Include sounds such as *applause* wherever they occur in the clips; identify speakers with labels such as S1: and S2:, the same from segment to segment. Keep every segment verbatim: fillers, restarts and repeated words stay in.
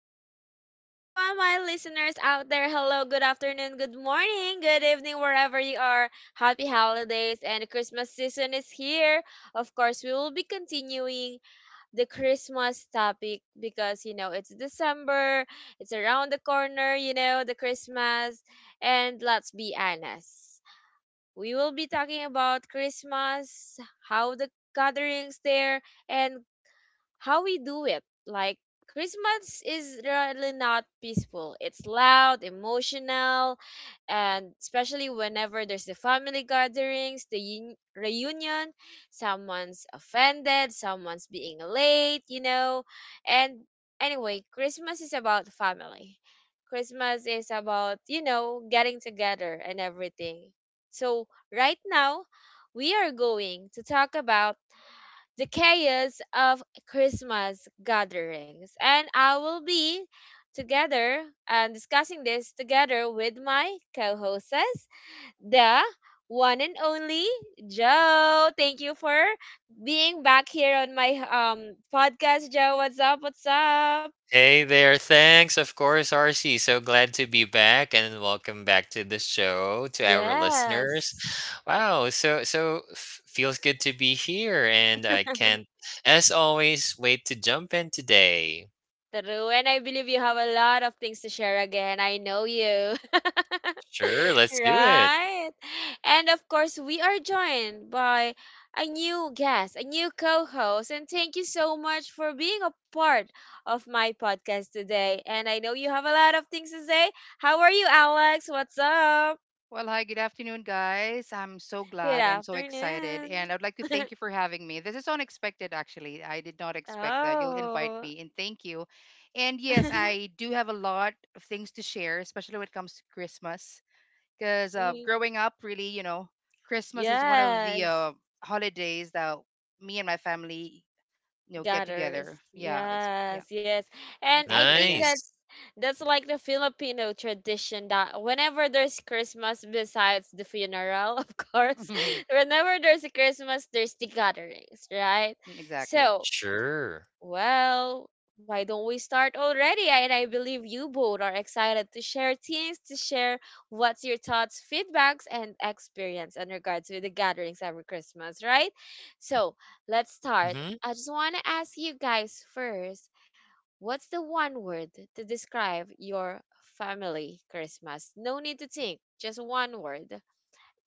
S1: What's up, everyone? My listeners out there. Hello, good afternoon, good morning, good evening, wherever you are. Happy holidays, and the Christmas season is here. Of course, we will be continuing the Christmas topic because, you know, it's December, it's around the corner, you know, the Christmas. And let's be honest, we will be talking about Christmas, how the gatherings there, and how we do it. Like Christmas is really not peaceful. It's loud, emotional, and especially whenever there's the family gatherings, the un- reunion, someone's offended, someone's being late, you know. And anyway, Christmas is about family. Christmas is about, you know, getting together and everything. So, right now, we are going to talk about the chaos of Christmas gatherings. And I will be together and discussing this together with my co hosts, the one and only Joe. Thank you for being back here on my um podcast, Joe. What's up? What's up?
S2: Hey there, thanks. Of course, R C. So glad to be back and welcome back to the show to our listeners.
S1: Yes.
S2: Wow, so so f- feels good to be here and I
S1: *laughs*
S2: can't as always wait to jump in today.
S1: True. And I believe you have a lot of things to share again. I know you. *laughs*
S2: Sure, let's do it.
S1: Right. And of course, we are joined by a new guest, a new co host. And thank you so much for being a part of my podcast today. And I know you have a lot of things to say. How are you, Alex? What's up?
S3: Well, hi, good afternoon, guys. I'm so
S1: Good
S3: glad and so excited.
S1: afternoon.
S3: And I'd like to thank you for
S1: *laughs*
S3: having me. This is unexpected, actually. I did not expect that. You'll invite
S1: Oh.
S3: me, and thank you. And yes,
S1: *laughs*
S3: I do have a lot of things to share, especially when it comes to Christmas. Because uh,
S1: Mm,
S3: growing up, really, you know, Christmas is one of the
S1: yes.
S3: uh, holidays that me and my family, you know, get
S1: Gathers.
S3: together. Yeah, ex- yeah.
S1: Yes, yes. And
S3: And
S1: I
S3: thank you
S1: think
S3: again.
S2: Nice.
S1: that's that's like the Filipino tradition that whenever there's Christmas besides the funeral, of course, *laughs*
S3: *laughs*
S1: whenever there's a Christmas, there's the gatherings, right?
S3: Exactly.
S1: So,
S2: Sure.
S1: well, why don't we start already? I- And I believe you both are excited to share things, to share what's your thoughts, feedbacks, and experience in regards with the gatherings every Christmas, right? So let's start.
S2: Mhm.
S1: I just want to ask you guys first, what's the one word to describe your family Christmas? No need to think, just one word.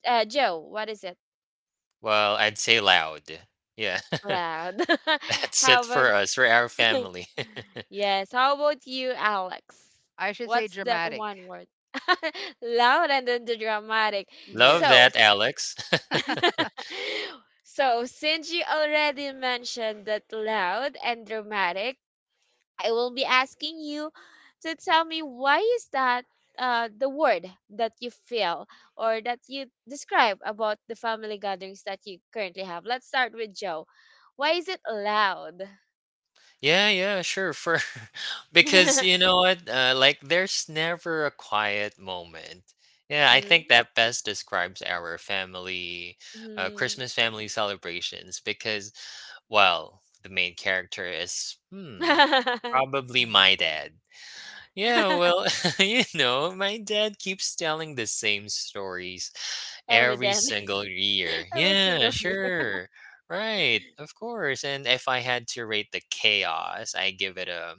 S1: Uh, Joe, what is it?
S2: Well, I'd say loud. Yeah. *laughs*
S1: Loud. *laughs*
S2: That's
S1: How
S2: it
S1: about?
S2: for us, for our family. *laughs*
S1: Yes. How about you, Alex?
S3: I should say
S1: What's that
S3: dramatic.
S1: one word? *laughs* Loud and then the dramatic.
S2: Love
S1: So,
S2: that,
S3: Yes.
S2: Alex.
S1: *laughs*
S2: *laughs*
S1: so since you already mentioned that loud and dramatic, I will be asking you to tell me why is that uh, the word that you feel or that you describe about the family gatherings that you currently have. Let's start with Joe. Why is it loud?
S2: Yeah, yeah, sure, for *laughs* because you
S1: *laughs*
S2: know what, uh, like there's never a quiet moment. Yeah, I
S1: Hmm?
S2: think that best describes our family, uh,
S1: Hmm.
S2: Christmas family celebrations because, well, the main character is, hmm,
S1: *laughs*
S2: probably my dad. Yeah,
S1: *laughs*
S2: well, *laughs* you know, my dad keeps telling the same stories
S1: Ever
S2: every
S1: then,
S2: single year.
S1: *laughs* every
S2: Yeah,
S1: single year.
S2: sure. Right, of course. And if I had to rate the chaos, I give it a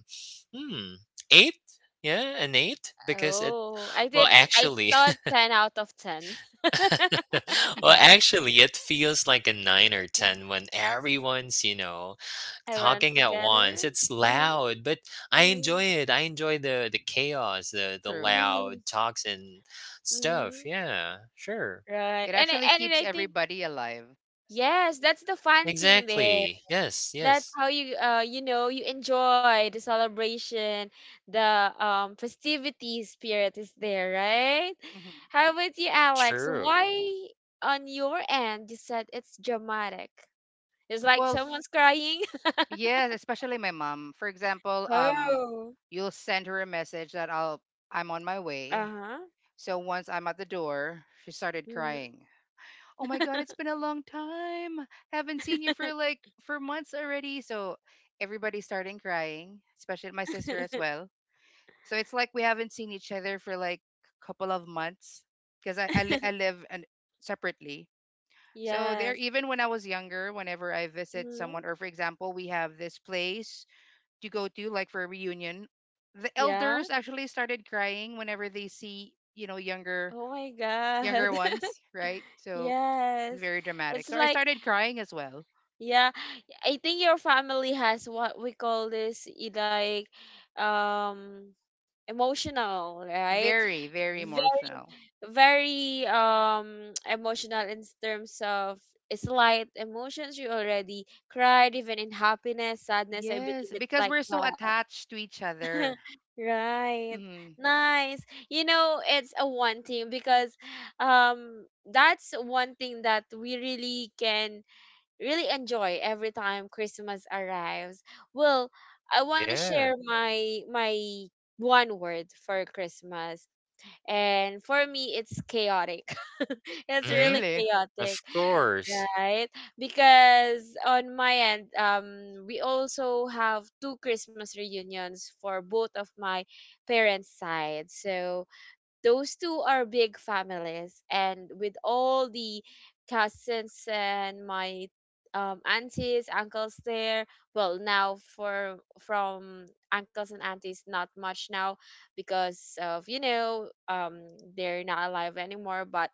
S2: hmm, eight. Yeah, an eight because it
S1: Oh, I
S2: well
S1: did. I
S2: actually
S1: thought ten out of ten. *laughs*
S2: *laughs* well
S3: *laughs*
S2: actually it feels like a nine or ten when everyone's, you know,
S1: Everyone's
S2: talking at
S1: together.
S2: once. It's
S1: Uh-huh.
S2: loud, but I
S1: Mhm.
S2: enjoy it. I enjoy the the chaos, the the
S3: True.
S2: loud
S1: *laughs*
S2: talks and stuff.
S1: Mhm.
S2: Yeah, sure.
S1: Right.
S3: It
S1: And I-
S3: actually
S1: and
S3: keeps
S1: I think
S3: everybody alive.
S1: yes, that's the fun thing there.
S2: Exactly. Yes,
S1: That's
S2: yes.
S1: how you uh you know you enjoy the celebration, the um festivity spirit is there, right?
S3: Hmm.
S1: How about you, Alex?
S2: True.
S1: Why on your end you said it's dramatic? It's like
S3: Well, f-
S1: someone's crying. *laughs*
S3: yes, especially my mom. For example, um,
S1: Oh.
S3: you'll send her a message that I'll I'm on my way.
S1: Uh-huh.
S3: So once I'm at the door, she started
S1: Mhm.
S3: crying. Oh my God, it's been a long time. Haven't seen you for like for months already. So everybody starting crying, especially my sister as
S1: *laughs*
S3: well. So it's like we haven't seen each other for like a couple of months because I I, li- I live and separately. So there,
S1: Yes.
S3: even when I was younger, whenever I visit someone,
S1: Mhm.
S3: or for example, we have this place to go to, like for a reunion, the
S1: Yeah.
S3: elders actually started crying whenever they see, you know, younger
S1: Oh my
S3: younger
S1: God.
S3: ones,
S1: *laughs*
S3: right? So it's
S1: Yes.
S3: very
S1: It's
S3: dramatic. So I
S1: like,
S3: started crying as well.
S1: yeah, I think your family has what we call this, i- like, um, emotional, right?
S3: Very, very emotional.
S1: Very um *tsk* emotional in terms of slight emotions, you already cried even in happiness, sadness. I
S3: Yes,
S1: believe it's
S3: because
S1: like
S3: we're so
S1: that.
S3: attached to each
S1: *laughs*
S3: other.
S1: Right.
S3: Hmm.
S1: Nice. You know it's a one thing because um that's one thing that we really can really enjoy every time Christmas arrives. Well, I want to share
S2: Yeah.
S1: my my one word for Christmas, and for me it's chaotic. *laughs* It's
S2: Mm-hmm.
S1: really
S3: Really.
S1: chaotic.
S2: Of course.
S1: Right? Because on my end, um, we also have two Christmas reunions for both of my parents' side. So those two are big families, and with all the cousins and my um, aunties, uncles there. Well, now for from uncles and aunties, not much now because of you know um, they're not alive anymore. But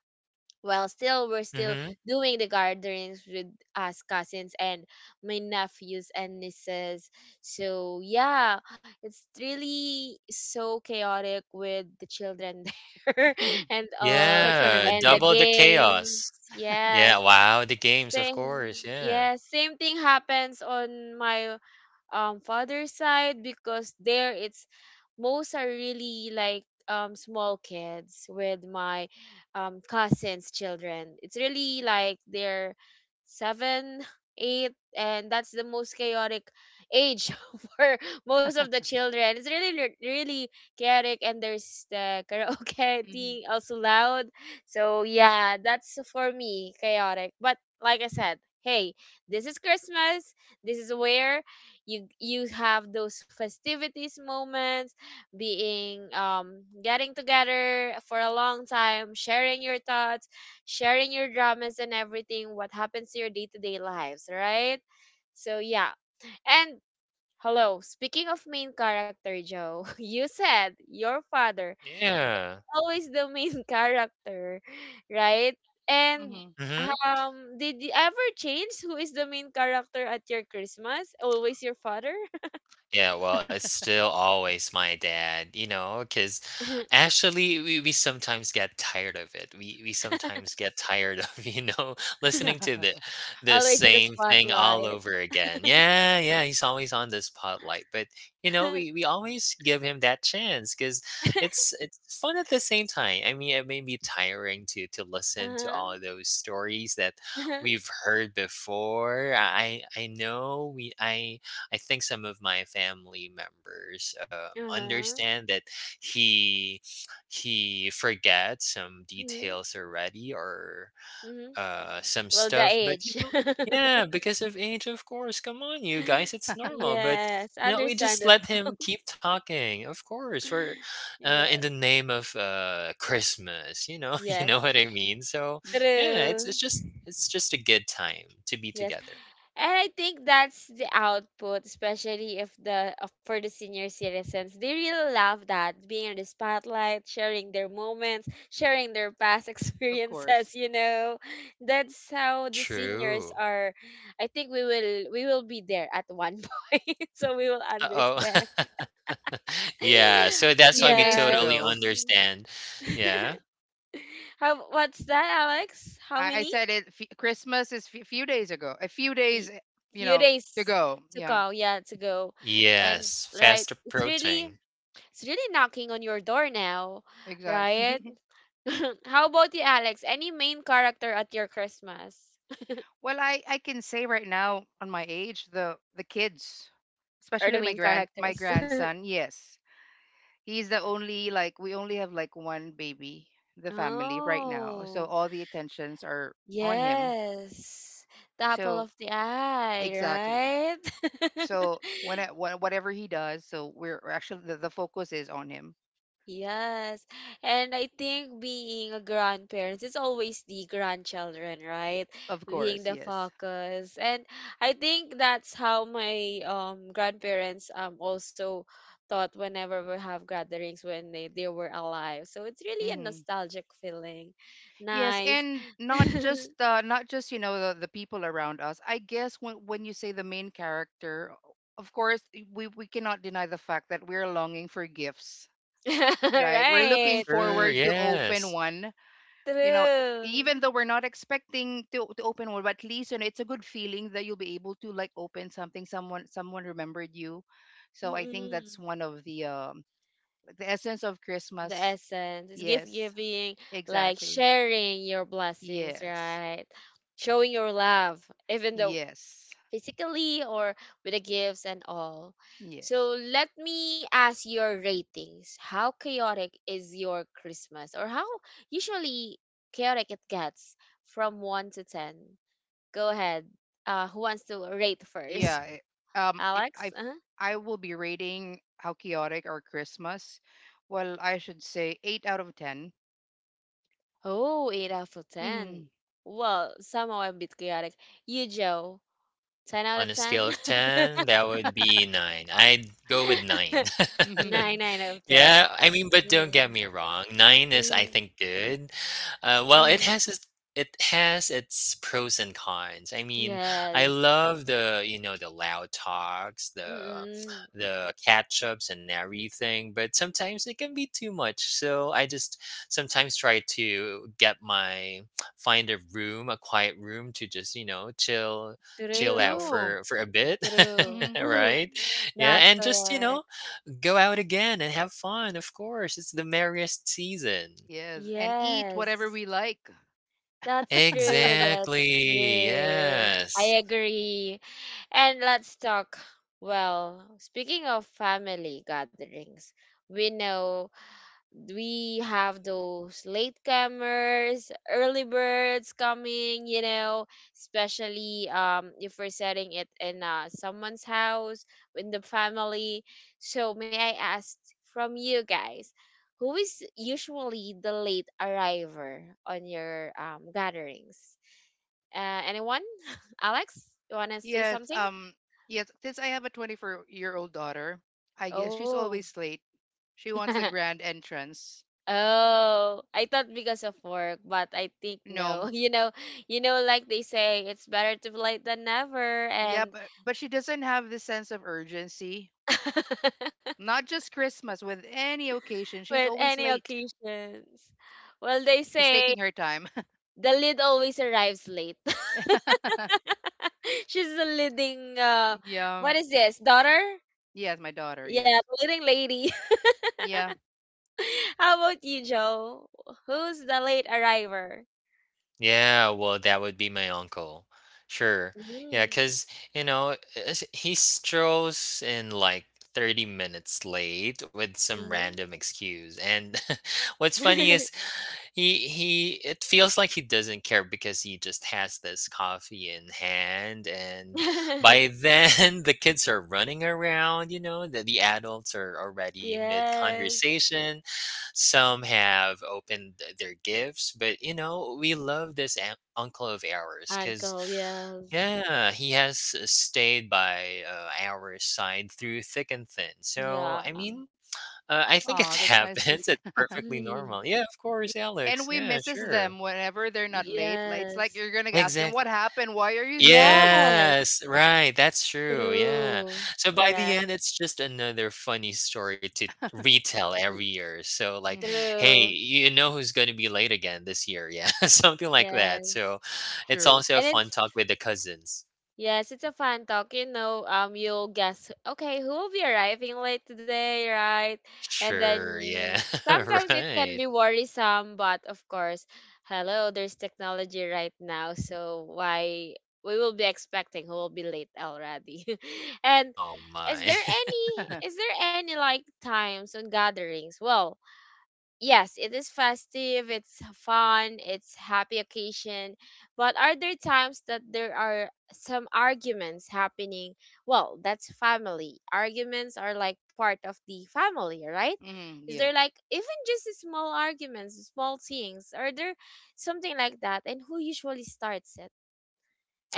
S1: well, still we're still
S2: Mm-hmm.
S1: doing the gatherings with us cousins and my nephews and nieces. So yeah, it's really so chaotic with the children *laughs* there
S3: *laughs*
S1: and all,
S3: Especially
S2: Yeah.
S3: with
S1: and the
S3: kids.
S2: Double the
S1: games.
S2: chaos. Yeah.
S1: Yes,
S2: Wow. The games, of
S1: same.
S2: course. Yeah.
S1: Yes, same thing happens on my um father's side because there it's most are really like um small kids with my um cousins children. It's really like they're seven *laughs* eight, and that's the most chaotic age *laughs* for most of the children. It's really re- really chaotic, and there's the karaoke *laughs*
S3: Hmm.
S1: thing, also loud. So yeah, that's for me chaotic, but like I said, hey, this is Christmas. This is where you you have those festivities moments, being um getting together for a long time, sharing your thoughts, sharing your dramas and everything, what happens to your day-to-day lives, right? So yeah. And hello, speaking of main character, Joe, *laughs* you said your father
S2: Yeah.
S1: always the main *laughs* character, right? And
S3: Hmm.
S2: Mm-hmm.
S1: um did you ever change who is the main character at your Christmas? Always your father?
S2: Yeah, well, it's still always my dad, you know, because actually we, we sometimes get tired of it. We we sometimes get tired of, *laughs* you know, listening
S1: *laughs*
S2: to the the
S1: Always in the
S2: same thing all
S1: spotlight.
S2: over again. Yeah, yeah, he's always on the spotlight. But you
S1: *laughs*
S2: know,
S1: Uh-huh.
S2: we, we always give him that chance because it's it's fun at the same time. I mean, it may be tiring to to listen to all of those stories that
S1: Uh-huh.
S2: we've heard before. I I know we I I think some of my family members um,
S1: Uh-huh.
S2: understand that he he forgets some
S1: Mm-hmm.
S2: details already or
S1: Mm-hmm.
S2: uh, some
S1: Well, the
S2: stuff, but you
S1: age.
S2: know, yeah,
S1: *laughs*
S2: because of age, of course. Come on, you guys, it's normal. But
S1: Yes,
S2: you know, we just let
S1: understandable.
S2: him keep talking. Of course, for
S1: *laughs*
S2: uh, in the
S1: Yes.
S2: name of uh, Christmas. You know, *laughs* you
S1: Yes.
S2: know what I mean. So yeah, it's
S1: True.
S2: it's just it's just a good time to be
S1: Yes.
S2: together.
S1: And I think that's the output, especially if the uh, for the senior citizens, they really love that being in the spotlight, sharing their moments, sharing their past *laughs*
S3: *laughs* Of course.
S1: experiences. You know, that's how the seniors
S2: True.
S1: are. I think we will we will be there at one *laughs* point, so we will
S2: Uh
S1: understand.
S2: oh. *laughs* Yeah,
S1: *laughs*
S2: so that's why
S3: Few
S2: we
S3: days
S2: totally
S3: ago.
S1: Yes.
S2: understand. Yeah.
S1: *laughs* How, what's that, Alex? How
S3: I, I
S1: many?
S3: said it. F- Christmas is a few days ago. A few
S1: Y-
S3: days, eh, you
S1: few
S3: know, to
S1: days
S3: go.
S1: to
S3: Yeah,
S1: go. Yeah, to go. And
S2: Yes,
S1: right,
S2: fast
S1: it's really,
S2: approaching.
S1: it's really knocking on your door now, right?
S3: exactly.
S1: *laughs* How about you, Alex? Any main character at your Christmas,
S3: *laughs* Well, I I can say right now on my age, the the kids,
S1: or the
S3: especially my
S1: main
S3: grand my
S1: characters? *laughs*
S3: grandson. Yes, he's the only like we only have like one baby, in the family right now. So
S1: Oh,
S3: all the attentions are on him.
S1: yes. The apple
S3: So
S1: of the eye,
S3: exactly.
S1: right?
S3: So when I,
S1: *laughs*
S3: wha- whatever he does, so we're we're actually the, the focus is on him.
S1: Yes. And I think being a grandparent, it's always the grandchildren, right?
S3: Of
S1: Being
S3: course,
S1: the
S3: yes.
S1: focus. And I think that's how my um grandparents um also thought whenever we have gatherings when they, they were alive. So it's really a
S3: Mm-hmm.
S1: nostalgic feeling.
S3: Yes,
S1: Nice.
S3: and not
S1: *laughs*
S3: just uh, not just you know the, the people around us. I guess when when you say the main character, of course i- we we cannot deny the fact that we're longing for gifts, right? We're
S2: For
S3: looking
S1: Right.
S2: sure,
S3: forward to open
S2: yes.
S3: one. You know,
S1: True.
S3: even though we're not expecting to to open one, but at least you know it's a good feeling that you'll be able to like open something. Someone someone remembered you, so I think that's
S1: Mm-mm.
S3: one of the um the essence of
S1: The
S3: Christmas.
S1: essence is gift
S3: Yes,
S1: giving, like
S3: exactly.
S1: sharing your blessings,
S3: Yes,
S1: right? Showing your love, even though
S3: yes.
S1: physically or with the gifts and all.
S3: Yes.
S1: So let me ask your ratings. How chaotic is your Christmas, or how usually chaotic it gets, from one to ten? Go ahead. Uh who wants to rate first?
S3: Yeah. it-
S1: *laughs*
S3: Um. If
S1: Alex.
S3: I
S1: Uh-huh.
S3: I will be rating how chaotic our Christmas. Well, I should say eight out of ten.
S1: Oh, eight out of
S3: Mm-hmm.
S1: ten. Well, somehow a bit chaotic. You, Joe? ten out
S2: On
S1: of
S2: a scale
S1: ten?
S2: of ten, that would be nine. I'd go with nine.
S1: *laughs*
S2: *laughs*
S1: nine,
S3: Mm-hmm.
S1: nine out of ten.
S2: Yeah, I mean, but don't
S1: Mm,
S2: get me wrong, nine is, I
S1: mm,
S2: think, good. Uh, well, it
S1: mm.
S2: has its it has its pros and cons. I mean, I
S1: Yes.
S2: love the, you know, the loud talks, the
S1: Mm-mm.
S2: the catch-ups and everything, but sometimes it can be too much. So I just sometimes try to get my find a room, a quiet room to just, you know, chill
S3: *laughs* Me
S2: chill out
S1: True.
S3: too.
S2: for for a bit,
S1: True.
S3: Mm-hmm.
S2: *laughs*
S1: *laughs*
S2: right? Yeah,
S1: That's
S2: and just, you
S1: correct.
S2: know, go out again and have fun. Of course, it's the merriest season.
S3: Yes, and eat whatever
S1: Yes.
S3: we like.
S1: That's true. That's
S2: Exactly.
S1: true. I
S2: Yes.
S1: agree. And let's talk. Well, speaking of family gatherings, we know we have those latecomers, early birds coming, you know, especially um if we're setting it in uh, someone's house in the family. So may I ask from you guys, who is usually the late arriver on your um gatherings? Uh, anyone? *laughs* Alex, you wanna say
S3: Yes.
S1: something?
S3: Um. Yes. Since I have a twenty-four-year-old daughter, I guess she's
S1: Oh.
S3: always late. She wants the
S1: *laughs*
S3: grand entrance.
S1: Oh, I thought because of work, but I think no.
S3: No.
S1: *laughs* You know, you know, like they say, it's better to be late than never,
S3: Yeah,
S1: and
S3: but but she doesn't have this sense of urgency.
S1: *laughs*
S3: Not just Christmas, with any occasion, she's
S1: with
S3: always
S1: any
S3: late.
S1: occasions. Well, they
S3: She's
S1: say
S3: taking her time.
S1: the lead always arrives late. *laughs*
S3: *laughs*
S1: She's the leading. Uh,
S3: Yeah.
S1: what is this, daughter?
S3: Yes, my daughter.
S1: Yeah,
S3: Yes.
S1: the leading lady.
S3: Yeah.
S1: *laughs* How about you, Joe? Who's the late arriver?
S2: Yeah, well, that would be my uncle. Sure. Yeah,
S1: Mm-hmm.
S2: because you know, it's- he strolls in like thirty minutes late with some random excuse. And *laughs* what's funny
S1: Mm-hmm.
S2: is he he it feels like he doesn't care because he just has this coffee in hand and by
S1: *laughs*
S2: then *laughs* the kids are running around, you know, the, the adults are already mid
S1: Yes,
S2: some have opened their gifts, but you know, we love this an- uncle of ours because,
S1: uncle. Yes.
S2: yeah, he has stayed by uh, our side through thick and thin. So,
S1: Yeah.
S2: I mean, uh, I think it *laughs*
S3: Oh, that's nice to
S2: happens.
S3: see.
S2: It's
S3: *laughs*
S2: perfectly
S1: *laughs*
S2: normal. Yeah, of course,
S3: And
S2: Alex.
S3: we
S2: Yeah,
S3: misses them
S2: sure.
S3: whenever they're not late. Like it's like
S1: Yes.
S3: you're gonna ask them what
S2: Exactly.
S3: happened. Why are you so early?
S1: Yes.
S2: Yes, right, that's true, yeah.
S1: True.
S2: So by the
S1: Correct.
S2: end, it's just another funny story to
S3: *laughs*
S2: retell
S1: Y-
S2: every year. So like,
S3: Hmm.
S2: hey,
S1: true.
S2: you know who's going to be late again this year, yeah, *laughs* something like that.
S1: Yes.
S2: So it's
S3: True.
S2: also a
S1: And
S2: fun
S1: it's,
S2: talk with the cousins.
S1: yes, it's a fun talk. You know, um, you'll guess, okay, who will be arriving late today, right? And
S2: Sure, yeah,
S1: then
S2: *laughs*
S1: sometimes it can
S2: right.
S1: be worrisome, but of course, hello, there's technology right now, so why we will be expecting who will be late already. *laughs* And
S2: Oh
S1: is
S2: my.
S1: there
S2: *laughs*
S1: any,
S3: *laughs* Hmm.
S1: is there any like times on gatherings? Well, yes, it is festive, it's fun, it's happy occasion. But are there times that there are some arguments happening? Well, that's family. Arguments are like part of the family, right? Is there
S3: Yes.
S1: like even just small arguments, small things? Are there something like that? And who usually starts it?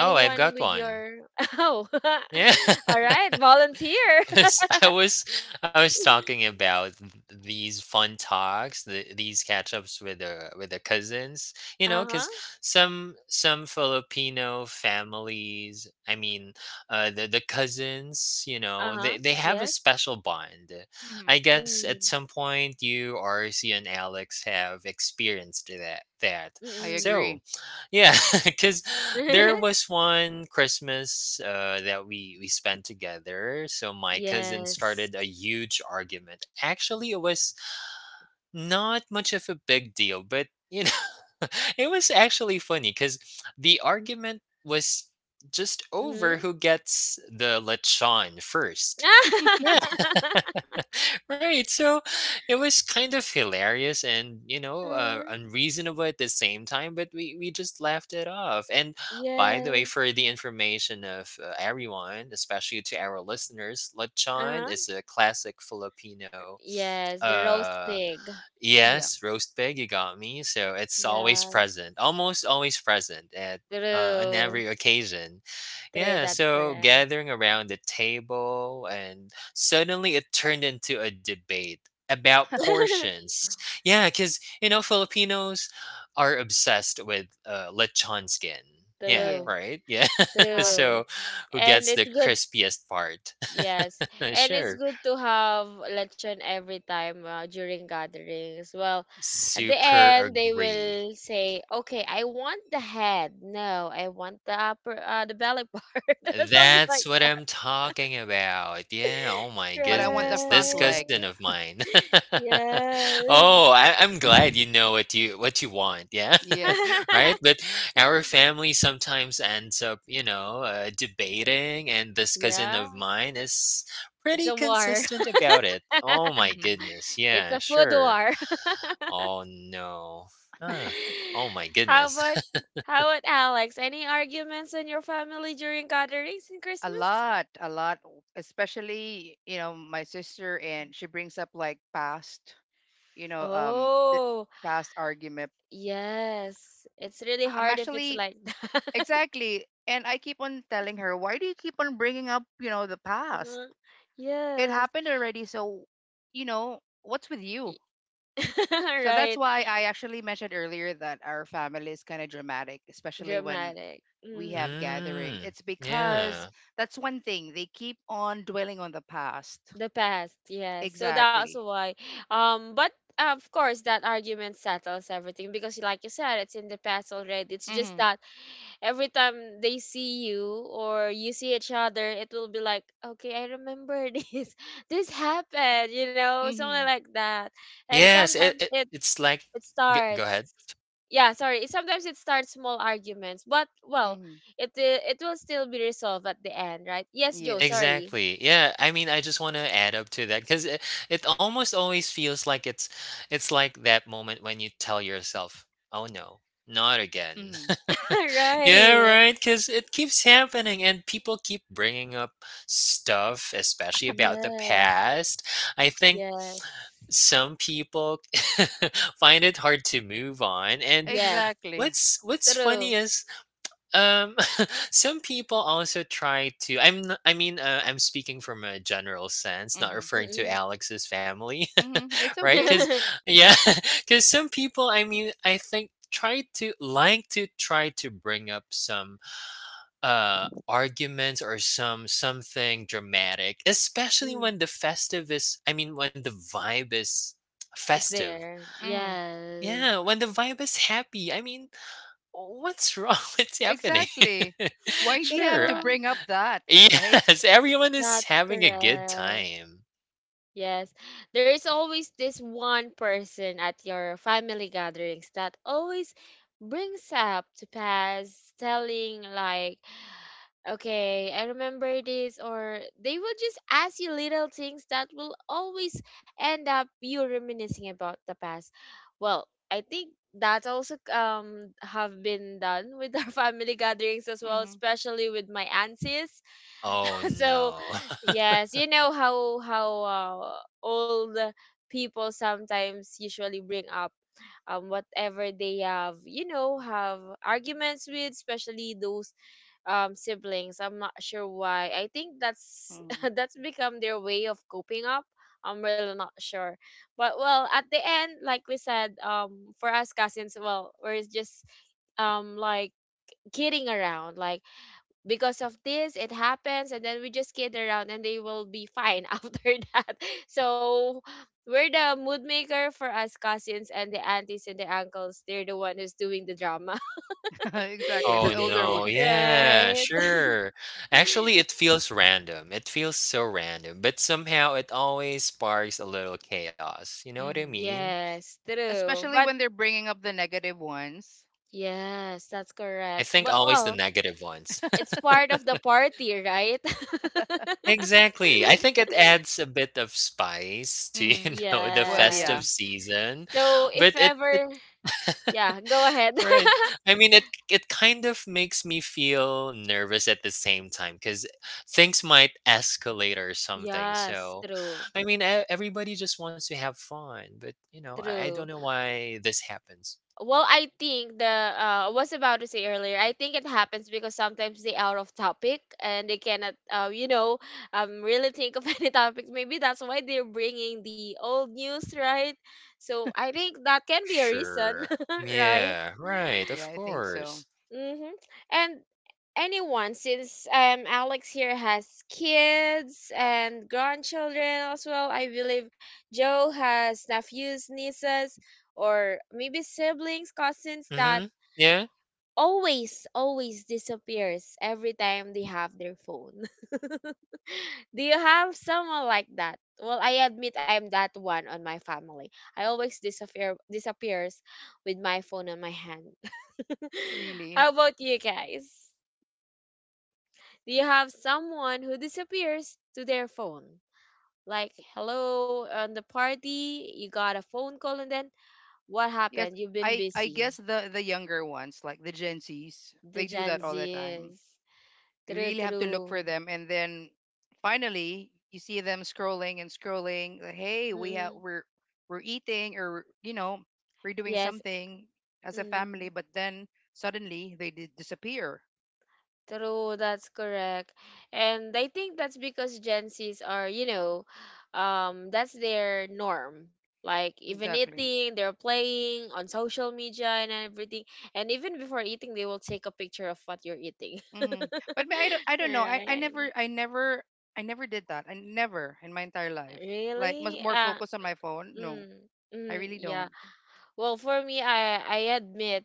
S2: Oh, I've got
S1: with
S2: one.
S1: your *laughs* oh,
S2: Yeah.
S1: *laughs*
S2: *laughs*
S1: all right, volunteer. *laughs*
S2: Because *laughs* I was I was talking about th- these fun talks, the, these catch ups with the with the cousins, you know,
S1: Uh
S2: because
S1: huh.
S2: some some Filipino families, I mean, uh, the the cousins, you
S1: Uh
S2: know,
S1: huh.
S2: they they have a
S1: Yes.
S2: special bond.
S3: Hmm.
S2: I guess at
S1: Mm.
S2: some point you, R C, and Alex have experienced that that.
S3: I
S2: So,
S3: agree.
S2: yeah, *laughs* because
S1: Mm.
S2: there
S1: *laughs*
S2: was one Christmas uh, that we we spent together. So my cousin
S1: Yes.
S2: started a huge argument. Actually, it was not much of a big deal, but you know, *laughs* it was actually funny because the argument was just
S1: Mm-hmm.
S2: over who
S1: *laughs*
S2: gets the lechon first. Yeah, *laughs* right. So it was kind of hilarious and, you know, uh,
S1: Uh,
S2: unreasonable at the same time, but we, we just laughed it off. And by the way,
S1: yes.
S2: for the information of uh, everyone, especially to our listeners, lechon
S1: Uh-huh.
S2: is a classic Filipino
S1: Yes, the roast
S2: uh,
S1: pig.
S3: Yeah.
S2: yes, roast pig, you got me. So it's always
S1: Yes.
S2: present, almost always present at uh, on
S1: True.
S2: every occasion.
S1: True,
S2: Yeah,
S1: that's
S2: so
S1: correct.
S2: gathering around the table, and suddenly it turned into a debate about
S1: *laughs*
S2: portions. Yeah, because, you know, Filipinos are obsessed with uh, lechon skin. Yeah,
S1: True.
S3: Yes.
S2: right? Yeah. *laughs*
S3: Uh,
S1: True.
S2: so who
S1: And
S2: gets
S1: it's
S2: the
S1: good.
S2: crispiest part?
S1: Yes.
S2: *laughs*
S1: And it's
S2: sure.
S1: good to have lechon every time uh, during gatherings. Well, at the
S2: Super
S1: end they
S2: agree.
S1: will say, "Okay, I want the head. No, I want the upper uh, the belly part." *laughs* Something
S2: That's
S1: like
S2: what I'm talking about. Yeah, oh
S1: *laughs*
S2: my
S3: but I want the
S2: goodness.
S3: front
S2: This cousin
S3: leg.
S1: right.
S2: of mine. *laughs*
S1: Yes.
S2: oh, I, I'm glad you know what you what you want. Yeah.
S3: Yes.
S2: *laughs* right? But
S1: *laughs*
S2: our family sometimes ends up, you know, uh, debating and this cousin
S1: Yeah,
S2: of mine is
S1: it's
S2: pretty
S1: a war.
S2: consistent about it.
S1: *laughs*
S2: Oh my
S3: Hmm.
S2: goodness.
S1: It's a
S2: Yeah,
S1: food
S2: sure.
S1: war.
S2: Oh no. Huh.
S1: *laughs*
S2: Oh my
S1: How
S2: goodness.
S1: about, how about Alex? Any arguments in your family during gatherings in
S3: A
S1: Christmas?
S3: lot, a lot, especially, you know, my sister and she brings up like past, you know, um, the
S1: Oh,
S3: past argument.
S1: yes. It's really
S3: I'm
S1: hard if it's
S3: actually
S1: like that. *laughs*
S3: exactly, and I keep on telling her, why do you keep on bringing up, you know, the past?
S1: Mhm.
S3: It
S1: Yes.
S3: happened already, so you know, what's with you?
S1: *laughs*
S3: So that's
S1: Right.
S3: why I actually mentioned earlier that our family is kind of dramatic, especially when
S1: Dramatic.
S3: we
S2: *laughs*
S1: Mm-hmm.
S3: have gathering.
S2: mm.
S3: It's
S1: Mm-hmm.
S3: because
S2: Yeah.
S3: that's one thing they keep on dwelling on the past.
S1: The past, yes. So that's
S3: Exactly.
S1: why. Um, but uh, of course, that argument settles everything because, like you said, it's in the past already. It's just
S3: Mhm.
S1: that every time they see you or you see each other, it will be like, okay, I remember *laughs* this. This happened, you know, something
S3: Mhm.
S1: like that. And
S2: Yes, it,
S1: sometimes
S2: it
S1: it
S2: it's like
S1: it
S2: g go
S1: starts.
S2: ahead.
S1: Yeah, sorry. Sometimes it starts small arguments, but well,
S3: Mhm.
S1: it it will still be resolved at the end, right? Yes, Joe.
S3: Yes.
S1: Sorry.
S2: Exactly. Yeah, I mean, I just want to add up to that because it, it almost always feels like it's it's like that moment when you tell yourself, "Oh no, not again."
S3: Mhm.
S2: *laughs*
S1: *laughs*
S2: Yeah,
S1: Right.
S2: right, because it keeps happening and people keep bringing up stuff, especially about the
S1: Yes,
S2: past. I think
S1: yes,
S2: some people *laughs* find it hard to move on. And
S1: yes.
S3: Exactly.
S2: what's what's funny
S1: True.
S2: is Um, *laughs* some people also try to. I'm. n- I mean, uh, I'm speaking from a general sense, not
S3: Mhm.
S2: referring to
S1: Mm-mm.
S2: Alex's family,
S3: Mm-hmm. It's
S2: *laughs* right?
S3: okay.
S2: Because
S1: *laughs*
S2: yeah, *laughs* because some people. I mean, I think try to like to try to bring up some uh arguments or some something dramatic, especially
S1: mm,
S2: when the festive is. I mean, when the vibe is
S1: it's
S2: festive.
S1: there.
S3: Mm-hmm.
S1: Yes.
S2: Yeah, when the vibe is happy. I mean, what's wrong? *laughs* What's happening?
S3: Exactly.
S2: *laughs*
S3: Why do you have
S2: Sure,
S3: to
S2: I
S1: True.
S3: bring up that, *laughs* right?
S2: yes, everyone is
S1: That's
S2: having a good
S1: correct.
S2: time.
S1: Yes. There is always this one person at your family gatherings that always brings up to pass telling like okay, I remember this, or they will just ask you little things that will always end up you reminiscing about the past. Well, I think that also um have been done with our *laughs* family gatherings as well,
S3: Mm-hmm.
S1: especially with my aunties
S2: Oh,
S1: *laughs* so
S2: no. *laughs*
S1: yes, you know how how uh, old people sometimes usually bring up um whatever they have, you know, have arguments with, especially those um siblings. I'm not sure why. I think that's
S3: Hmm.
S1: *laughs* that's become their way of coping up. I'm really not sure, but well, at the end, like we said, um for us cousins, well, we're just um like kidding around, like because of this it happens and then we just kid around and they will be fine *laughs* after that. So we're the mood maker for us cousins, and the aunties and the uncles, they're the one who's doing the drama.
S3: *laughs* Exactly.
S2: Oh,
S3: The older *laughs*
S2: no.
S1: *laughs*
S3: ones.
S2: Yeah,
S1: right.
S2: sure. Actually,
S1: *laughs*
S2: it feels random. It feels so random, but somehow it always sparks a little chaos. You know what I
S3: Mm-hmm.
S2: mean?
S1: yes, true,
S3: Especially
S1: but
S3: when they're bringing up the negative ones.
S1: yes, that's
S2: I
S1: correct,
S2: think
S1: but
S2: always the
S1: well,
S2: negative ones. *laughs*
S1: it's part of the party, right? *laughs*
S2: Exactly. I think it adds a bit of spice to, *laughs*
S3: Mm-hmm.
S2: you know, the
S3: Well,
S2: festive
S3: yeah.
S1: yes,
S2: season,
S1: so if
S2: but it it
S1: ever, yeah, go
S2: *laughs*
S1: ahead.
S2: right.
S1: *laughs*
S2: I mean, it it kind of makes me feel nervous at the same time because things might escalate or something.
S1: Yes,
S2: So,
S1: true.
S2: I mean, e- everybody just wants to have fun, but you know, I, I don't
S1: True.
S2: know why this happens.
S1: Well, I think the uh, I was about to say earlier. I think it happens because sometimes they out of topic and they cannot, uh, you know, um, really think of *laughs* any topics. Maybe that's why they're bringing the old news, right? So I think that can be a reason,
S2: Sure.
S1: *laughs* right?
S2: Yeah. Right.
S3: Yeah,
S2: Of
S3: I think so.
S2: course.
S1: Mm-hmm. And anyone, since um Alex here has kids and grandchildren as well. I believe Joe has nephews, nieces, or maybe siblings, cousins that
S2: Mm-hmm. Yeah.
S1: always always disappears every time they have their phone. *laughs* do you have someone like that? Well, I admit I'm that one on my family. I always disappear disappears with my phone on my hand. *laughs*
S3: Really.
S1: how about you, guys? Do you have someone who disappears to their phone? Like, hello, on the party, you got a phone call and then what
S3: Yes.
S1: happened? You've been
S3: I, I
S1: busy.
S3: guess the, the younger ones, like the Gen Zs,
S1: The
S3: they do
S1: Gen
S3: that all the time.
S1: Z's.
S3: You
S1: True,
S3: really have to look for
S1: true.
S3: them, and then finally you see them scrolling and scrolling. Like, hey, we have
S1: Mm-mm.
S3: we're we're eating or you know we're doing
S1: Yes.
S3: something as a family,
S1: Mm.
S3: but then suddenly they di- disappear.
S1: True, that's correct. And I think that's because Gen Zs are, you know, um, that's their norm. Like even
S3: Exactly.
S1: eating, they're playing on social media and everything. And even before eating, they will take a picture of what you're eating.
S3: Hmm.
S1: *laughs*
S3: But me- I don't I don't know. I, I
S1: Right.
S3: never I never I never did that. I never in my entire life. Like mus-
S1: Really?
S3: more
S1: Uh,
S3: focus on my phone. No,
S1: mm,
S3: I
S1: mm,
S3: really
S1: yeah.
S3: don't.
S1: Well, for me, I I admit,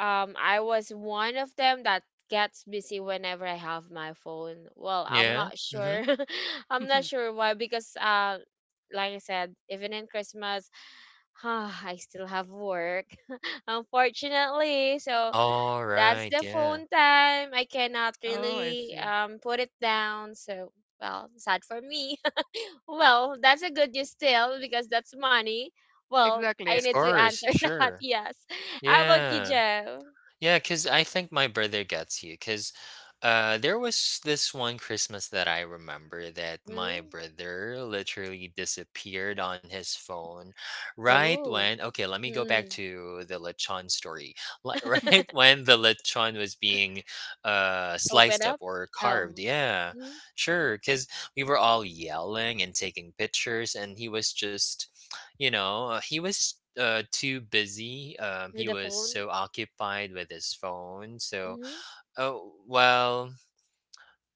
S1: Um, I was one of them that gets busy whenever I have my phone. Well, I'm
S2: Yeah.
S1: not sure.
S2: Mm-hmm.
S1: *laughs* I'm not
S3: *laughs*
S1: sure why, because uh like I said, even in Christmas, *sighs* I still have work, *laughs* unfortunately. So
S2: All
S1: that's
S2: right.
S1: the
S2: Yeah.
S1: phone time. I cannot
S3: Oh, I
S1: really
S3: see.
S1: um put it down. So well, sad for me. *laughs* well, that's a good news still, because that's money. Well, I
S3: Exactly.
S2: Of
S1: need to
S2: course.
S1: answer *laughs* that.
S2: Sure.
S1: Yes. How about you,
S2: Yeah.
S1: Joe?
S2: Yeah, because I think my brother gets you. Because uh, there was this one Christmas that I remember that my
S1: Hmm?
S2: brother literally disappeared on his phone right
S1: Oh,
S2: when, okay, let me go back
S1: mm.
S2: to the lechon story. Li- *laughs* Right
S3: *laughs*
S1: *laughs*
S2: when the lechon was being uh,
S1: Open
S2: sliced up
S1: up?
S2: or carved.
S1: Oh.
S2: Yeah,
S1: Hmm.
S2: sure. Because we were all yelling and taking pictures, and he was just you know, uh, he was uh too busy. Um,
S1: With
S2: he
S1: the
S2: was
S1: phone?
S2: so occupied with his phone. So,
S1: Mhm,
S2: oh well.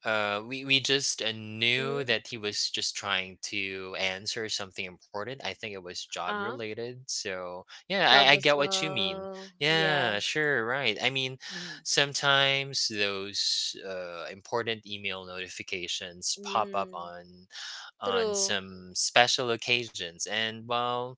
S2: Uh, we we just uh, knew
S1: mhm.
S2: that he was just trying to answer something important. I think it was job
S1: Ah,
S2: related. So yeah, I, I get what you mean.
S1: troublesome. Yes.
S2: Yeah, sure, right. I mean, sometimes those uh, important email notifications pop up
S1: Mm,
S2: on on
S1: true.
S2: some special occasions. And well,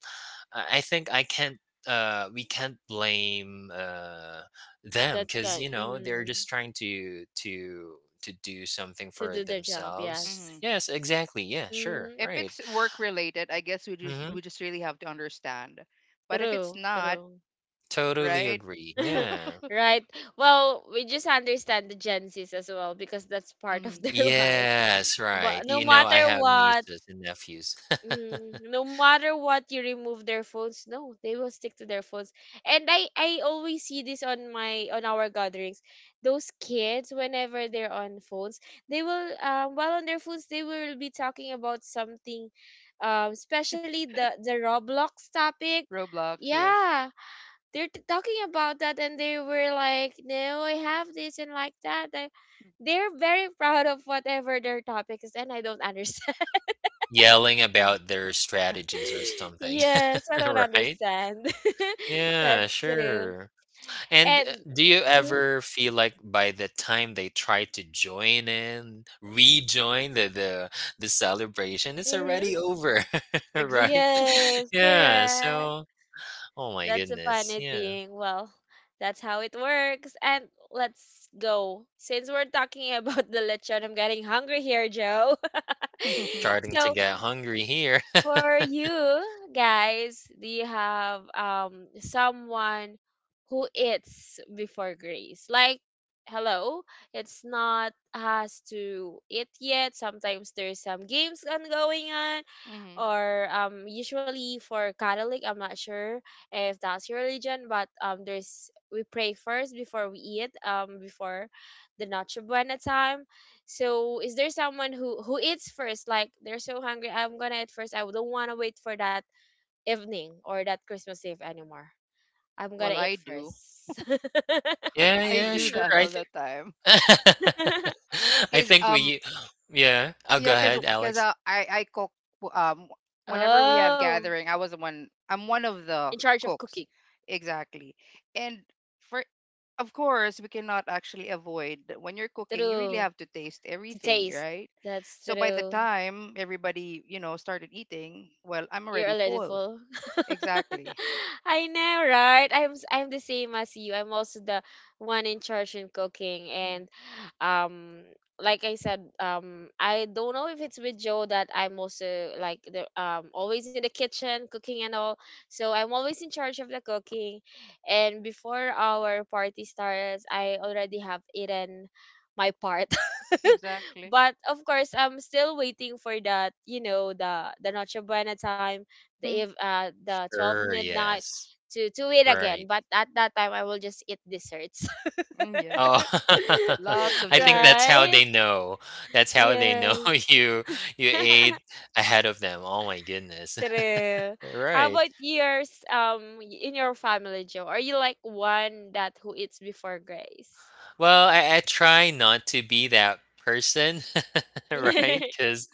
S2: I I think I can't uh we can't blame uh them
S1: That
S2: because
S1: kind,
S2: you know they're
S1: mm,
S2: just trying to to to do something
S1: to
S2: for
S1: do their job,
S2: themselves
S3: Mm-hmm.
S1: yes.
S2: yes exactly yeah sure
S1: Mm,
S3: If
S2: right
S3: it's work related, I guess we just
S2: hmm
S3: we just really have to understand. But if it's
S1: true,
S3: not,
S1: true.
S2: totally
S3: right?
S2: agree
S1: *laughs*
S3: *laughs*
S2: yeah
S1: Right. Well, we just understand the Gen Zs as well, because that's part of
S3: Hmm.
S1: their *laughs* life.
S2: yes right
S1: But no
S2: you know I
S1: matter
S2: have
S1: what,
S2: nieces and nephews *laughs*
S1: mm, no matter what you remove their phones, no, they will stick to their phones. And I I always see this on my on our gatherings. Those kids, whenever they're on phones, they will um while on their phones they will be talking about something, um especially the the Roblox topic.
S3: Roblox, yes.
S1: Yeah, they're t- talking about that, and they were like, "No, I have this and like that." I, they're very *laughs* proud of whatever their topic is, and I don't *laughs* understand.
S2: yelling
S3: Mm.
S2: about their strategies or
S1: *laughs*
S2: something
S1: Yes, I
S2: *laughs*
S1: don't
S2: right
S1: understand. *laughs*
S2: yeah
S1: That's true.
S2: sure. And uh,
S1: And
S2: do you ever feel like by the time they try to join in, rejoin the the, the celebration, it's already
S1: mm-hmm.
S2: over, *laughs* right?
S3: Exactly.
S1: Yes,
S2: Yeah.
S1: correct.
S2: So, oh my
S1: That's a
S2: goodness.
S1: funny
S2: Yeah.
S1: thing. Well, that's how it works. And let's go. Since we're talking *laughs* about the lechon, I'm getting hungry here, Joe. *laughs*
S3: *laughs*
S2: Starting to
S1: So,
S2: get hungry here. *laughs*
S1: for you guys, do you have um someone who eats before grace? Like, hello, it's not has to eat yet. Sometimes there's some games ongoing on,
S3: Hmm.
S1: or um usually for Catholic, I'm not sure if that's your religion, but um there's we pray first before we eat um before the Noche Buena time. So is there someone who who eats first? Like they're so hungry, I'm gonna eat first. I don't wanna wait for that evening or that Christmas Eve anymore. I'm
S3: Well,
S1: gonna eat
S3: I do.
S1: first. *laughs*
S2: yeah,
S3: I
S2: yeah,
S3: do
S2: sure.
S3: that
S2: I
S3: all
S2: think
S3: the time.
S2: *laughs* I
S3: Because
S2: think
S3: um,
S2: we yeah. Oh, go
S3: Yeah, 'cause
S2: ahead,
S3: because
S2: Alex.
S3: uh, I I cook w- um whenever we have
S1: oh,
S3: gathering. I was the one. I'm one of
S1: in
S3: the
S1: charge of
S3: cooks,
S1: cooking.
S3: exactly. And for of course we cannot actually avoid that when you're cooking. You really
S1: True.
S3: have to taste
S1: To
S3: everything,
S1: taste.
S3: right?
S1: That's
S3: So by the
S1: true.
S3: time everybody you know started eating, well, I'm
S1: You're
S3: already
S1: already
S3: full.
S1: full.
S3: Exactly.
S1: *laughs* I know, right? I'm s- I'm the same as you. I'm also the one in charge in cooking
S3: Mm,
S1: and um like I said, um I don't know if it's with Joe that I'm also like the um always in the kitchen cooking and all. So I'm always in charge of the cooking, and before our party starts, I already have eaten my part. *laughs*
S3: exactly.
S1: but of course I'm still waiting for that, you know, the the Noche Buena time, the
S3: Mm,
S1: eve, uh the twelve
S2: Sure,
S1: midnight
S2: yes.
S1: to to eat again,
S2: Right.
S1: but at that time I will just eat desserts.
S3: mm, yeah.
S2: Oh, *laughs*
S1: *laughs*
S3: Lots of
S2: I think that's
S3: desserts.
S2: how
S1: right.
S2: they know. That's how they know
S1: Yes.
S2: *laughs* you you
S1: *laughs*
S2: ate ahead of them. Oh my goodness. *laughs*
S1: true. How
S2: Right.
S1: about yours, um y- in your family, Joe, are you like one that who eats before grace?
S2: Well, I, I try not to be that person, *laughs*
S1: *laughs*
S2: right?
S1: mm-hmm.
S2: Because,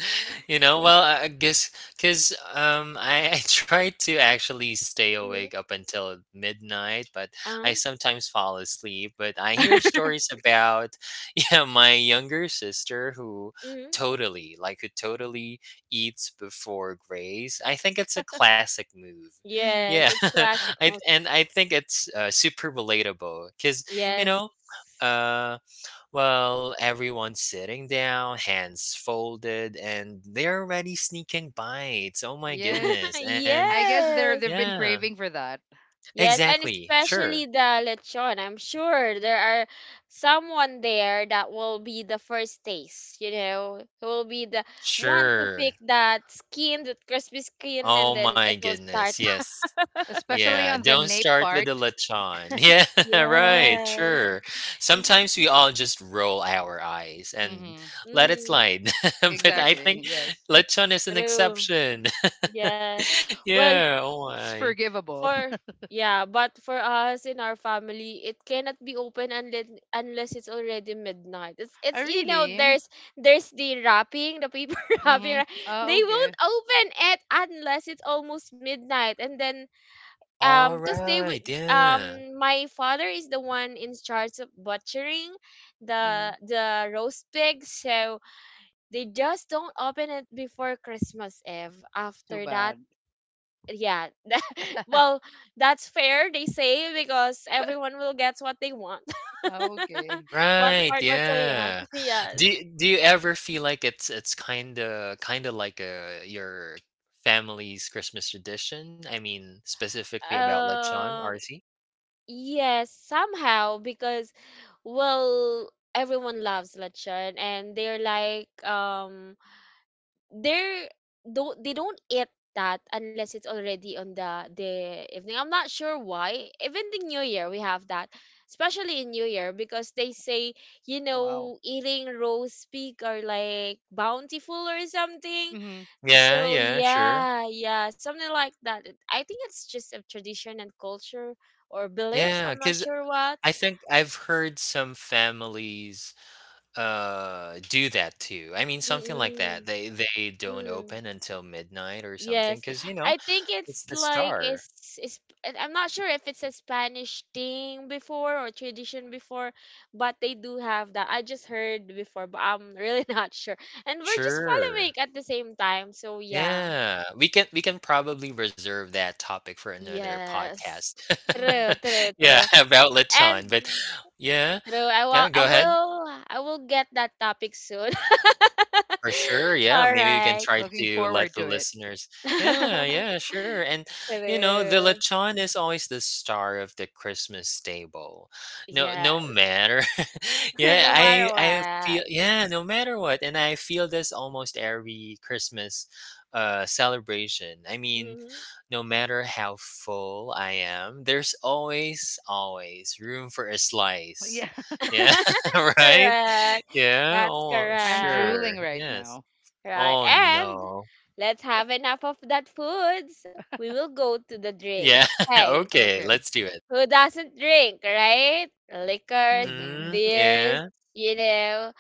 S2: you know, well, I I guess because um, I, I try to actually stay awake up until midnight, but I
S1: Uh-huh.
S2: sometimes fall asleep. But I hear
S1: *laughs*
S2: stories about *laughs* yeah, my younger sister who
S1: hmm.
S2: totally, like, who totally eats before grace. I think it's a classic move.
S3: Mm-hmm.
S1: Yes,
S2: Yeah,
S1: it's a classic
S2: *laughs* I
S1: most.
S2: and I think it's uh, super relatable because you
S3: Mm-hmm.
S1: Yes.
S2: know uh, well, everyone's sitting down, hands folded, and they're already sneaking bites. Oh my
S1: *laughs*
S3: Yes.
S2: goodness. And
S3: I guess they're
S1: yes.
S3: they've been
S2: yeah,
S3: craving for that.
S1: Yes, and
S2: exactly.
S1: especially
S2: Sure.
S1: the lechon. I'm sure there are someone there that will be the first taste, you know, who will be the one to pick
S2: Sure.
S1: that skin, that crispy skin, and
S2: Oh
S1: then
S2: my
S1: it will start.
S2: goodness.
S1: *laughs*
S2: Yes.
S3: Especially
S2: Yeah.
S3: on the
S2: Don't
S3: nape
S2: start with the
S3: part. *laughs*
S2: lechon. *laughs* Yeah, right.
S1: Yes.
S2: Sure.
S1: This is-
S2: Sometimes we all just roll our eyes and
S3: Mm-hmm.
S2: let it
S1: mm,
S2: slide, *laughs* but
S1: mm,
S2: I
S3: Exactly.
S2: think
S3: Yes.
S2: lechon is an
S1: true.
S2: exception. *laughs*
S1: Yes. Well,
S2: yeah. Oh
S3: It's
S2: my.
S3: forgivable.
S1: for
S3: *laughs*
S1: yeah, but for us in our family, it cannot be open unless unless it's already midnight. It's
S3: Oh,
S1: it's you know,
S3: really?
S1: there's there's the wrapping, the paper *laughs* wrapping,
S3: Mm-hmm.
S1: right?
S3: Ah,
S1: They
S3: okay.
S1: won't open it unless it's almost midnight, and then um, cause they would
S2: Alright, yeah.
S1: um, my father is the one in charge of butchering
S3: Mm-hmm.
S1: the the roast pig, so they just don't open it before Christmas Eve.
S3: Too
S1: After that,
S3: bad.
S1: yeah, well,
S3: *laughs*
S1: that's fair, they say, because everyone will get what they want.
S3: Ah,
S1: *laughs*
S3: okay.
S1: what
S2: Right,
S1: part, what they.
S2: yeah.
S1: *laughs* Yes.
S2: Do you do you ever feel like it's it's kinda kinda like a your family's Christmas tradition? I mean, specifically about lechon,
S1: Uh,
S2: R C?
S1: yes, somehow, because well, everyone loves lechon and they're like um they're don't they don't eat that unless it's already on the the evening. I'm not sure why. Even the New Year we have that, especially in New Year because they say, you
S3: Wow.
S1: know, eating roast pig are like bountiful or something.
S3: Mm-hmm.
S2: Yeah,
S1: So
S2: yeah, sure.
S1: yeah, yeah, something like that. It- I think it's just a tradition and culture or beliefs.
S2: Yeah.
S1: I'm not
S2: Because
S1: sure what.
S2: I think I've heard some families, uh, do that too. I mean, something like that.
S1: Mm-mm.
S2: They they don't
S1: Mm.
S2: open until midnight or something.
S1: Yes,
S2: Because you
S1: I
S2: know,
S1: think
S2: it's
S1: it's
S2: the
S1: like
S2: star.
S1: it's, it's I- I'm not sure if it's a Spanish thing before or tradition before, but they do have that. I just heard before, but I'm really *laughs* not sure. And we're just following
S2: Sure.
S1: at the same time, so yeah.
S2: Yeah, we can we can probably reserve that topic for another
S1: Yes.
S2: podcast.
S3: Mm-hmm.
S1: True,
S2: *laughs*
S1: true,
S2: Yeah,
S1: true.
S2: about
S1: And
S2: lechon, but yeah.
S1: true, I will
S2: Yeah,
S1: I
S2: go ahead.
S1: will I will get that topic soon.
S2: For sure,
S1: *laughs*
S2: yeah.
S1: All
S2: Maybe we can
S1: right.
S2: try
S3: Looking
S2: to
S3: forward
S2: let the
S3: to it.
S2: listeners. Yeah,
S1: *laughs*
S2: yeah, sure. And you know, the
S1: True.
S2: lechon is always the star of the Christmas table. No, no
S1: Yes.
S2: matter. *laughs*
S1: *laughs*
S2: yeah,
S1: no
S2: I,
S1: matter
S2: I feel.
S1: what.
S2: Yeah, no matter what, and I feel this almost every Christmas, uh, celebration. I mean,
S1: Hmm.
S2: no matter how full I am, there's always, always room for a slice.
S3: Yeah. *laughs*
S2: Yeah, *laughs*
S1: *laughs*
S2: right.
S1: correct.
S2: Yeah,
S1: That's
S2: oh,
S3: I'm
S1: correct.
S3: drooling
S2: sure.
S3: right
S2: Yes.
S3: now.
S1: Right.
S2: Oh,
S1: And
S2: no.
S1: let's have enough of that foods. We will go to the drinks.
S2: Yeah, *laughs*
S1: Hey,
S2: okay,
S3: Okay.
S2: let's do it.
S1: who doesn't drink, right? Liquors,
S3: Mm-hmm.
S2: Mhm,
S1: beers,
S2: yeah.
S1: you know,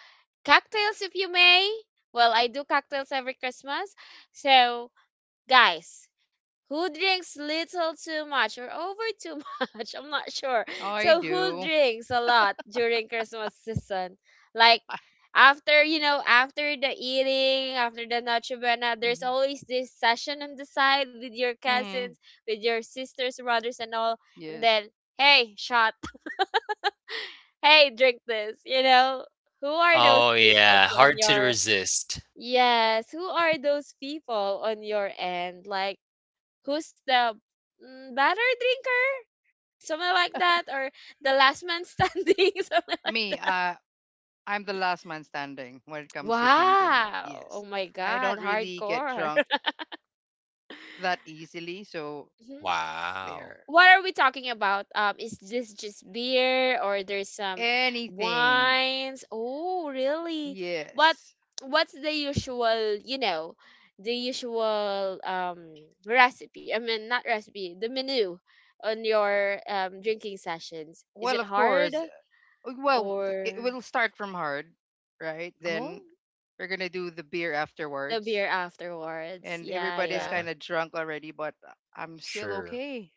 S1: cocktails if you may. Well, I do cocktails every Christmas. So, guys, who drinks little too much or over too *laughs* much? I'm not sure.
S3: Oh, I
S1: So who
S3: do.
S1: drinks a lot during Christmas season, like
S3: Ah.
S1: after, you know, after the eating, after the Noche Buena, there's
S3: Mm-hmm.
S1: always this session on the side with your cousins,
S3: Mm-hmm.
S1: with your sisters, brothers, and all, and
S3: Yes.
S1: then, hey, shot, *laughs* hey, drink this, you know. Who are those
S2: Oh,
S1: people
S2: yeah,
S1: on
S2: hard to
S1: your,
S2: resist.
S1: yes, who are those people on your end, like, who's the mm, better drinker, something like that, or the last man standing, *laughs* something like
S3: Me,
S1: that.
S3: uh, I'm the last man standing when it comes to drinking.
S1: Wow. Oh
S3: Yes.
S1: my
S3: I
S1: God.
S3: don't really get
S1: Hardcore.
S3: drunk
S1: *laughs*
S3: that easily. So
S1: Mhm.
S2: Wow.
S3: there,
S1: What are we talking about? Um, is this just beer or there's some
S3: anything.
S1: wines? Oh, really? What,
S3: Yes.
S1: what's the usual, you know, the usual um recipe? I mean, not recipe, the menu on your um drinking sessions. Is
S3: Well,
S1: it
S3: of
S1: hard?
S3: course. uh, Well,
S1: Or
S3: it will start from hard, right?
S1: oh,
S3: Then we're gonna do the beer
S1: the beer
S3: afterwards,
S1: afterwards.
S3: and
S1: Yeah,
S3: everybody's
S1: yeah.
S2: Yeah,
S3: kind of drunk already, but I'm still
S2: sure.
S3: okay.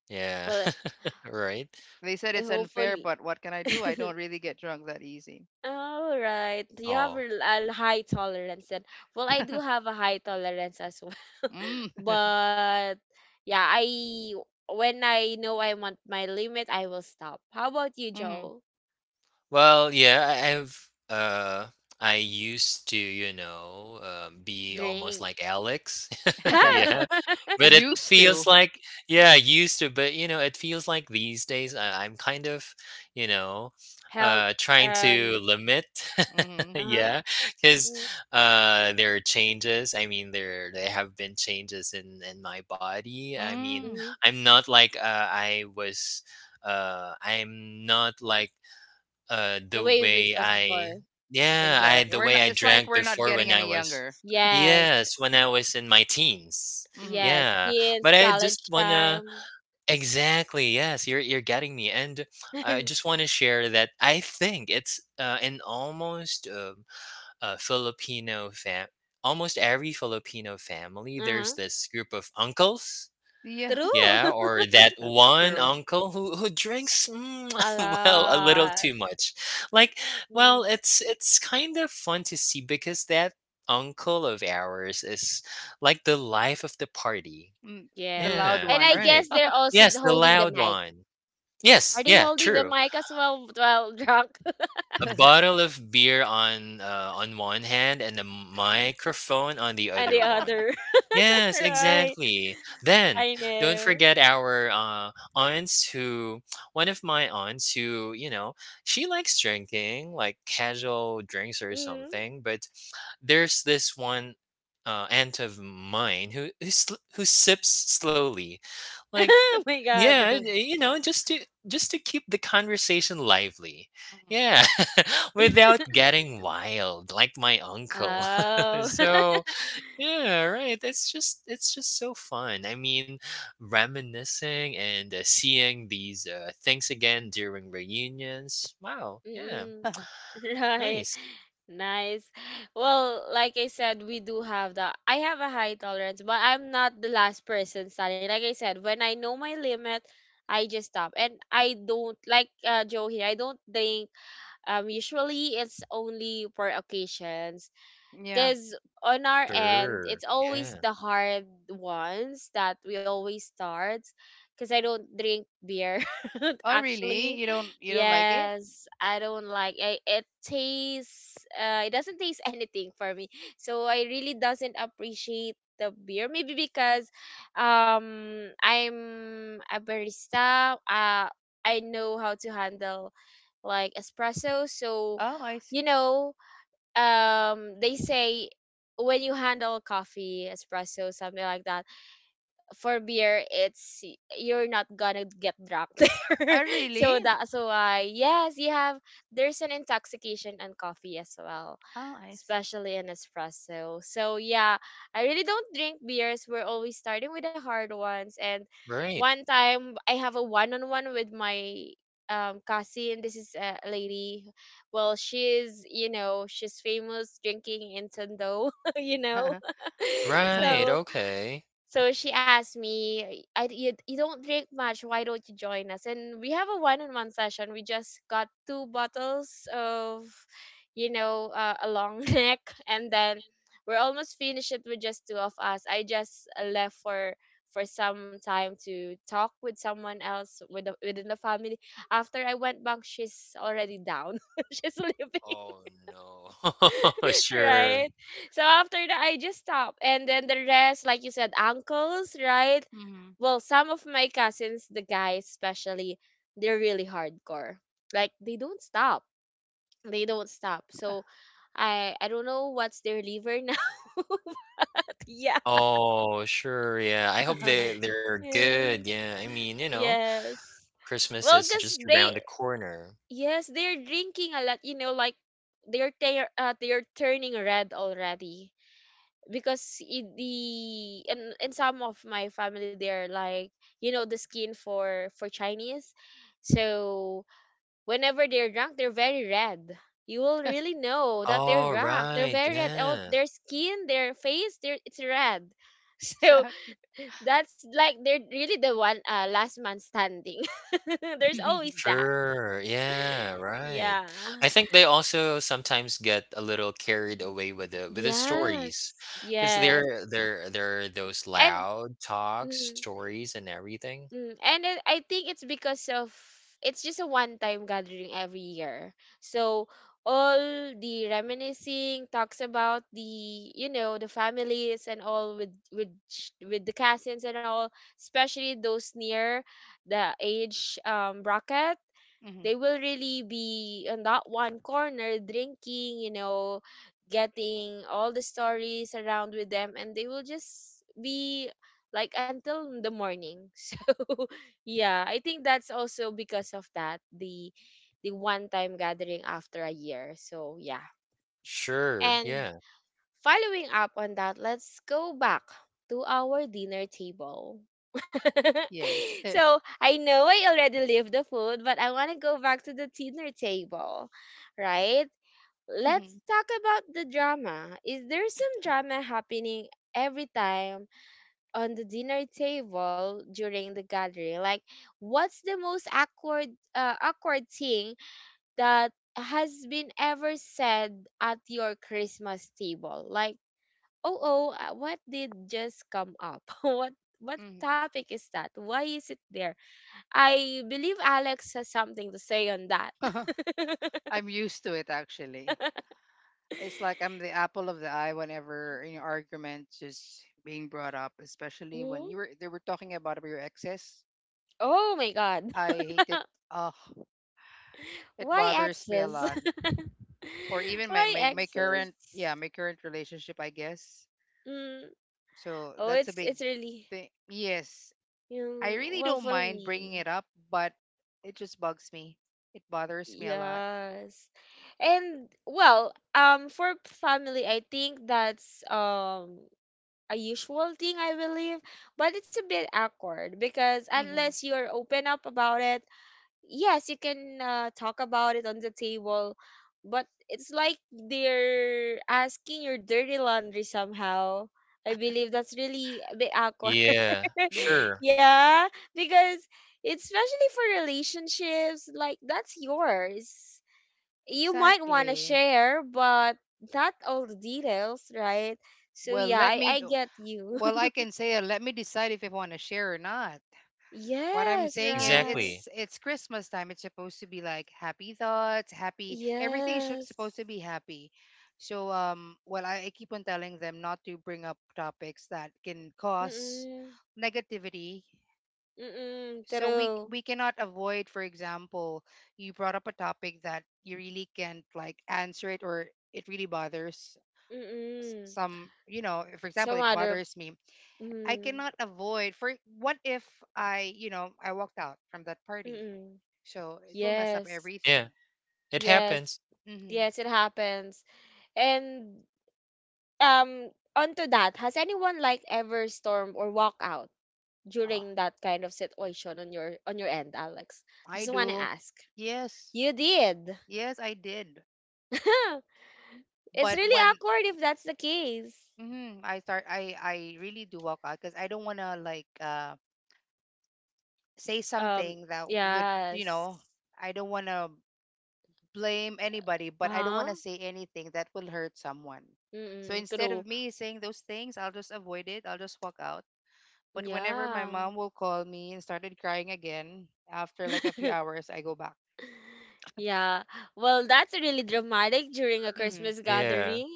S2: Yeah.
S1: Well,
S2: *laughs* Right?
S3: They said
S1: I
S3: it's unfair,
S1: hopefully.
S3: but what can I
S1: *laughs*
S3: do? I don't really get drunk that easy.
S1: All right. You have
S2: Oh.
S1: a l- a high tolerance then. Well, I do have a high tolerance as well. *laughs*
S3: Mm. *laughs*
S1: but yeah, I when I know I'm on my limit, I will stop. How about you,
S3: Mhm.
S1: Joe?
S2: Well, yeah, I I've, uh, I used to, you know, um, be almost
S1: Drink.
S2: like Alex. *laughs*
S3: *laughs*
S2: Yeah.
S1: *laughs*
S2: But it
S3: Used
S2: feels
S3: to.
S2: like yeah, I used to, but, you know, it feels like these days I I'm kind of, you know,
S1: Health,
S2: uh, trying to
S1: um
S2: limit *laughs*
S3: Mm-hmm.
S1: uh-huh.
S2: yeah, because uh, there are changes, I mean, there there have been changes in in my body, I mean,
S1: Mm-hmm.
S3: Mm.
S2: I'm not like, uh, I was, uh, I'm not like uh,
S1: The
S2: the
S1: way it
S2: way
S1: was
S2: I
S1: before.
S2: yeah, I
S3: Exactly.
S2: the
S3: We're
S2: way
S3: not.
S2: I
S3: It's like
S2: drank
S3: we're not
S2: before when
S3: getting
S2: I
S3: any
S2: was
S3: younger.
S1: Yes.
S2: yes, when I was in my teens.
S3: Mm-hmm.
S1: Yes,
S2: Yeah, but
S1: since
S2: I just
S1: college
S2: wanna
S1: time.
S2: exactly yes, you're you're getting me, and I
S1: *laughs*
S2: just want to share that I think it's uh, in almost um uh, Filipino fam, almost every Filipino family,
S1: uh-huh.
S2: there's this group of uncles
S3: Yeah.
S1: True.
S2: yeah,
S1: *laughs*
S2: or that
S3: That's
S2: one
S3: true.
S2: uncle who who drinks mm,
S1: A
S2: *laughs* well, a little
S1: lot.
S2: too much. Like, well,
S1: Mm.
S2: it's it's kind of fun to see because that uncle of ours is like the life of the party.
S3: Mm,
S1: Yes.
S3: the loud
S2: Yeah,
S1: And I
S3: one.
S1: guess
S2: right.
S1: they're also th-
S2: Yes, the
S1: holding the
S2: loud
S1: mic.
S2: one.
S1: Are
S2: Yes,
S1: they
S2: yeah,
S1: holding the
S2: true.
S1: mic as well while drunk? *laughs*
S2: A
S3: *laughs*
S2: bottle of beer on, uh, on one hand and a microphone on the
S1: And the
S2: other one.
S1: other. *laughs*
S2: Yes,
S1: right.
S2: exactly. Then,
S1: I
S2: don't
S1: know.
S2: forget our, uh, aunts who one of my aunts who, you know, she likes drinking, like casual drinks or
S1: Mm.
S2: something, but there's this one, uh, aunt of mine who who sl who sips slowly.
S1: *laughs*
S2: Like
S1: oh my God.
S2: yeah, and, uh, you know, just to just to keep the conversation lively.
S3: Mhm.
S2: Yeah, *laughs* without getting wild like my uncle.
S3: Mm,
S2: *laughs*
S1: Oh. *laughs*
S2: So, yeah, right. It's just it's just so fun. I mean, reminiscing and uh, seeing these uh, things again during reunions. Wow. Yeah.
S1: Mm-mm. *laughs* Right.
S2: Nice.
S1: Nice. Well, like I said, we do have that. I have a high tolerance, but I'm not the last person standing. Like I said, when I know my limit, I just stop. And I don't like uh Joe here. I don't drink um usually it's only for occasions.
S3: yeah.
S1: Because on our end, it's
S2: Sure.
S1: always
S2: Yeah.
S1: the hard ones that we always start. Because I don't drink beer, *laughs*
S3: Oh, really?
S1: actually.
S3: You don't you don't like it?
S1: Yes, I don't like I, it. Tastes. Uh, it doesn't taste anything for me. So I really doesn't appreciate the beer. Maybe because, um, I'm a barista. Uh, I know how to handle like espresso. So,
S3: Oh, I
S1: you
S3: see.
S1: know, um they say when you handle coffee espresso something like that, for beer it's you're not gonna get drunk *laughs* there,
S3: Oh, really?
S1: so that's why. Yes, you have, there's an intoxication on coffee as well,
S3: Oh, I see.
S1: especially in espresso, so yeah, I really don't drink beers. We're always starting with the hard ones. And
S2: Right.
S1: one time I have a one-on-one with my um cousin. This is a lady. Well, she's, you know, she's famous drinking in Tondo, *laughs* you know.
S3: *laughs*
S1: *laughs*
S3: Yeah.
S2: Right.
S1: So
S2: Okay.
S1: so she asked me, I, you, you don't drink much, why don't you join us? And we have a one on one session. We just got two bottles of, you know, uh, a long *laughs* neck. And then we're almost finished it with just two of us. I just uh, left for for some time to talk with someone else with the, within the family. After I went back, she's already down. *laughs* She's leaving,
S2: Oh no. *laughs* Sure.
S1: right? So after that, I just stopped. And then the rest, like you said, uncles, right?
S3: Hmm.
S1: Well, some of my cousins, the guys especially, they're really hardcore. Like they don't stop. They don't stop. So I I don't know what's their liver now. *laughs* Yeah.
S2: Oh, sure, yeah, I hope they
S3: *laughs*
S2: they're
S1: Mm.
S2: good, yeah, I mean, you know,
S1: Yes.
S2: Christmas
S1: Well,
S2: is
S1: cause
S2: just around
S1: they,
S2: the corner.
S1: yes, they're drinking a lot, you know, like they're ter- uh, they're turning red already because I- the and and some of my family they're like, you know, the skin for for Chinese, so whenever they're drunk they're very red. You will really know that they're
S2: All
S1: drunk. They're
S2: right,
S1: very red. Oh,
S2: yeah,
S1: their skin, their face, their it's red. *laughs* So
S3: Exactly.
S1: that's like they're really the one, uh, last man standing. *laughs* There's always
S3: *laughs*
S1: that.
S2: sure, yeah, right.
S1: Yeah.
S2: I think they also sometimes get a little carried away with the with the stories, stories,
S1: Yes.
S2: 'cause
S1: Yes.
S2: there there there are those
S1: And
S2: loud talks,
S1: mm,
S2: stories, and everything.
S1: Mm, and it, I think it's because of it's just a one-time gathering every year. So all the reminiscing talks about the, you know, the families and all with with sh- with the cousins and all, especially those near the age um bracket,
S3: Hmm.
S1: they will really be in that one corner drinking, you know, getting all the stories around with them, and they will just be like until the morning. *laughs* So yeah, I think that's also because of that, the the one time gathering after a year. So yeah.
S2: Sure,
S1: And
S2: yeah,
S1: following up on that, let's go back to our dinner table. *laughs*
S3: Yes. *laughs*
S1: So I know I already leave the food, but I want to go back to the dinner table, right? Let's
S3: Hmm.
S1: talk about the drama. Is there some drama happening every time on the dinner table during the gathering? Like, what's the most awkward, uh, awkward thing that has been ever said at your Christmas table? Like oh oh uh, what did just come up? *laughs* what what
S3: Hmm.
S1: topic is that, why is it there? I believe Alex has something to say on that.
S3: *laughs*
S1: *laughs*
S3: I'm used to it actually. It's like I'm the apple of the eye whenever you know arguments is being brought up, especially when
S1: Mhm.
S3: you were they were talking about your exes.
S1: Oh my god.
S3: I hated.
S1: *laughs*
S3: Oh, it
S1: Why
S3: bothers me a
S1: exes?
S3: lot.
S1: *laughs*
S3: Or even my,
S1: Why
S3: my, my
S1: exes?
S3: current, yeah, my current relationship, I guess.
S1: Mm.
S3: So
S1: Oh
S3: that's a
S1: it's
S3: big
S1: it's really,
S3: thing. Yes. I
S1: yung,
S3: really
S1: well
S3: don't
S1: for
S3: mind bringing
S1: me,
S3: it up, but it just bugs me. It bothers me a lot.
S1: yes. And well um for family I think that's um a usual thing, I believe. But it's a bit awkward because
S3: Hmm.
S1: unless you're open up about it, yes, you can uh, talk about it on the table, but it's like they're asking your dirty laundry somehow. I believe that's really a bit awkward.
S2: yeah,
S3: Hmm.
S1: *laughs*
S2: sure,
S1: Yeah, because especially for relationships, like that's yours, you might want to
S3: Exactly.
S1: share, but not all the details, right? So
S3: Well,
S1: yeah,
S3: let
S1: I,
S3: me,
S1: I get you.
S3: well, I can say, uh, let me decide if I want to share or not.
S1: *laughs*
S3: What I'm
S1: Yes,
S3: saying is
S1: right.
S2: exactly,
S3: it's it's Christmas time. It's supposed to be like happy thoughts, happy everything is sh- supposed
S1: Yes.
S3: to be happy. So um well I, I keep on telling them not to bring up topics that can cause
S1: Mm-mm.
S3: negativity.
S1: Mm-mm.
S3: So we
S1: True.
S3: we cannot avoid, for example, you brought up a topic that you really can't like answer it or it really bothers s-
S1: Mm-mm.
S3: some, you know, for example,
S1: Some
S3: it
S1: other.
S3: bothers me. I
S1: Mm.
S3: cannot avoid for, what if I, you know, I walked out from that party.
S1: Mm-mm.
S3: So it will mess up
S1: Yes.
S2: yeah,
S3: everything.
S2: it
S1: Yes.
S2: happens,
S3: Mm-hmm.
S1: Yes, it happens. And um, onto that, has anyone like ever storm or walk out
S3: Oh,
S1: during that kind of situation on your on your end, Alex?
S3: I
S1: Just want to
S3: do.
S1: ask.
S3: Yes.
S1: You did.
S3: Yes, I did.
S1: *laughs* It's
S3: But
S1: really
S3: when
S1: awkward if that's the case.
S3: mhm, I start I I really do walk out cuz I don't want to like uh say
S1: Um,
S3: something that would, you
S1: yes.
S3: know, I don't want to blame anybody, but I don't
S1: Uh-huh.
S3: want to say anything that will hurt someone. So
S1: Mm-mm,
S3: instead
S1: true.
S3: of me saying those things, I'll just avoid it. I'll just walk out. But whenever my
S1: Yeah.
S3: mom will call me and started crying again, after like a few
S1: *laughs*
S3: hours, I go back.
S1: Yeah. Well, that's really dramatic during a
S3: Mm-hmm.
S1: Christmas
S2: yeah.
S1: gathering.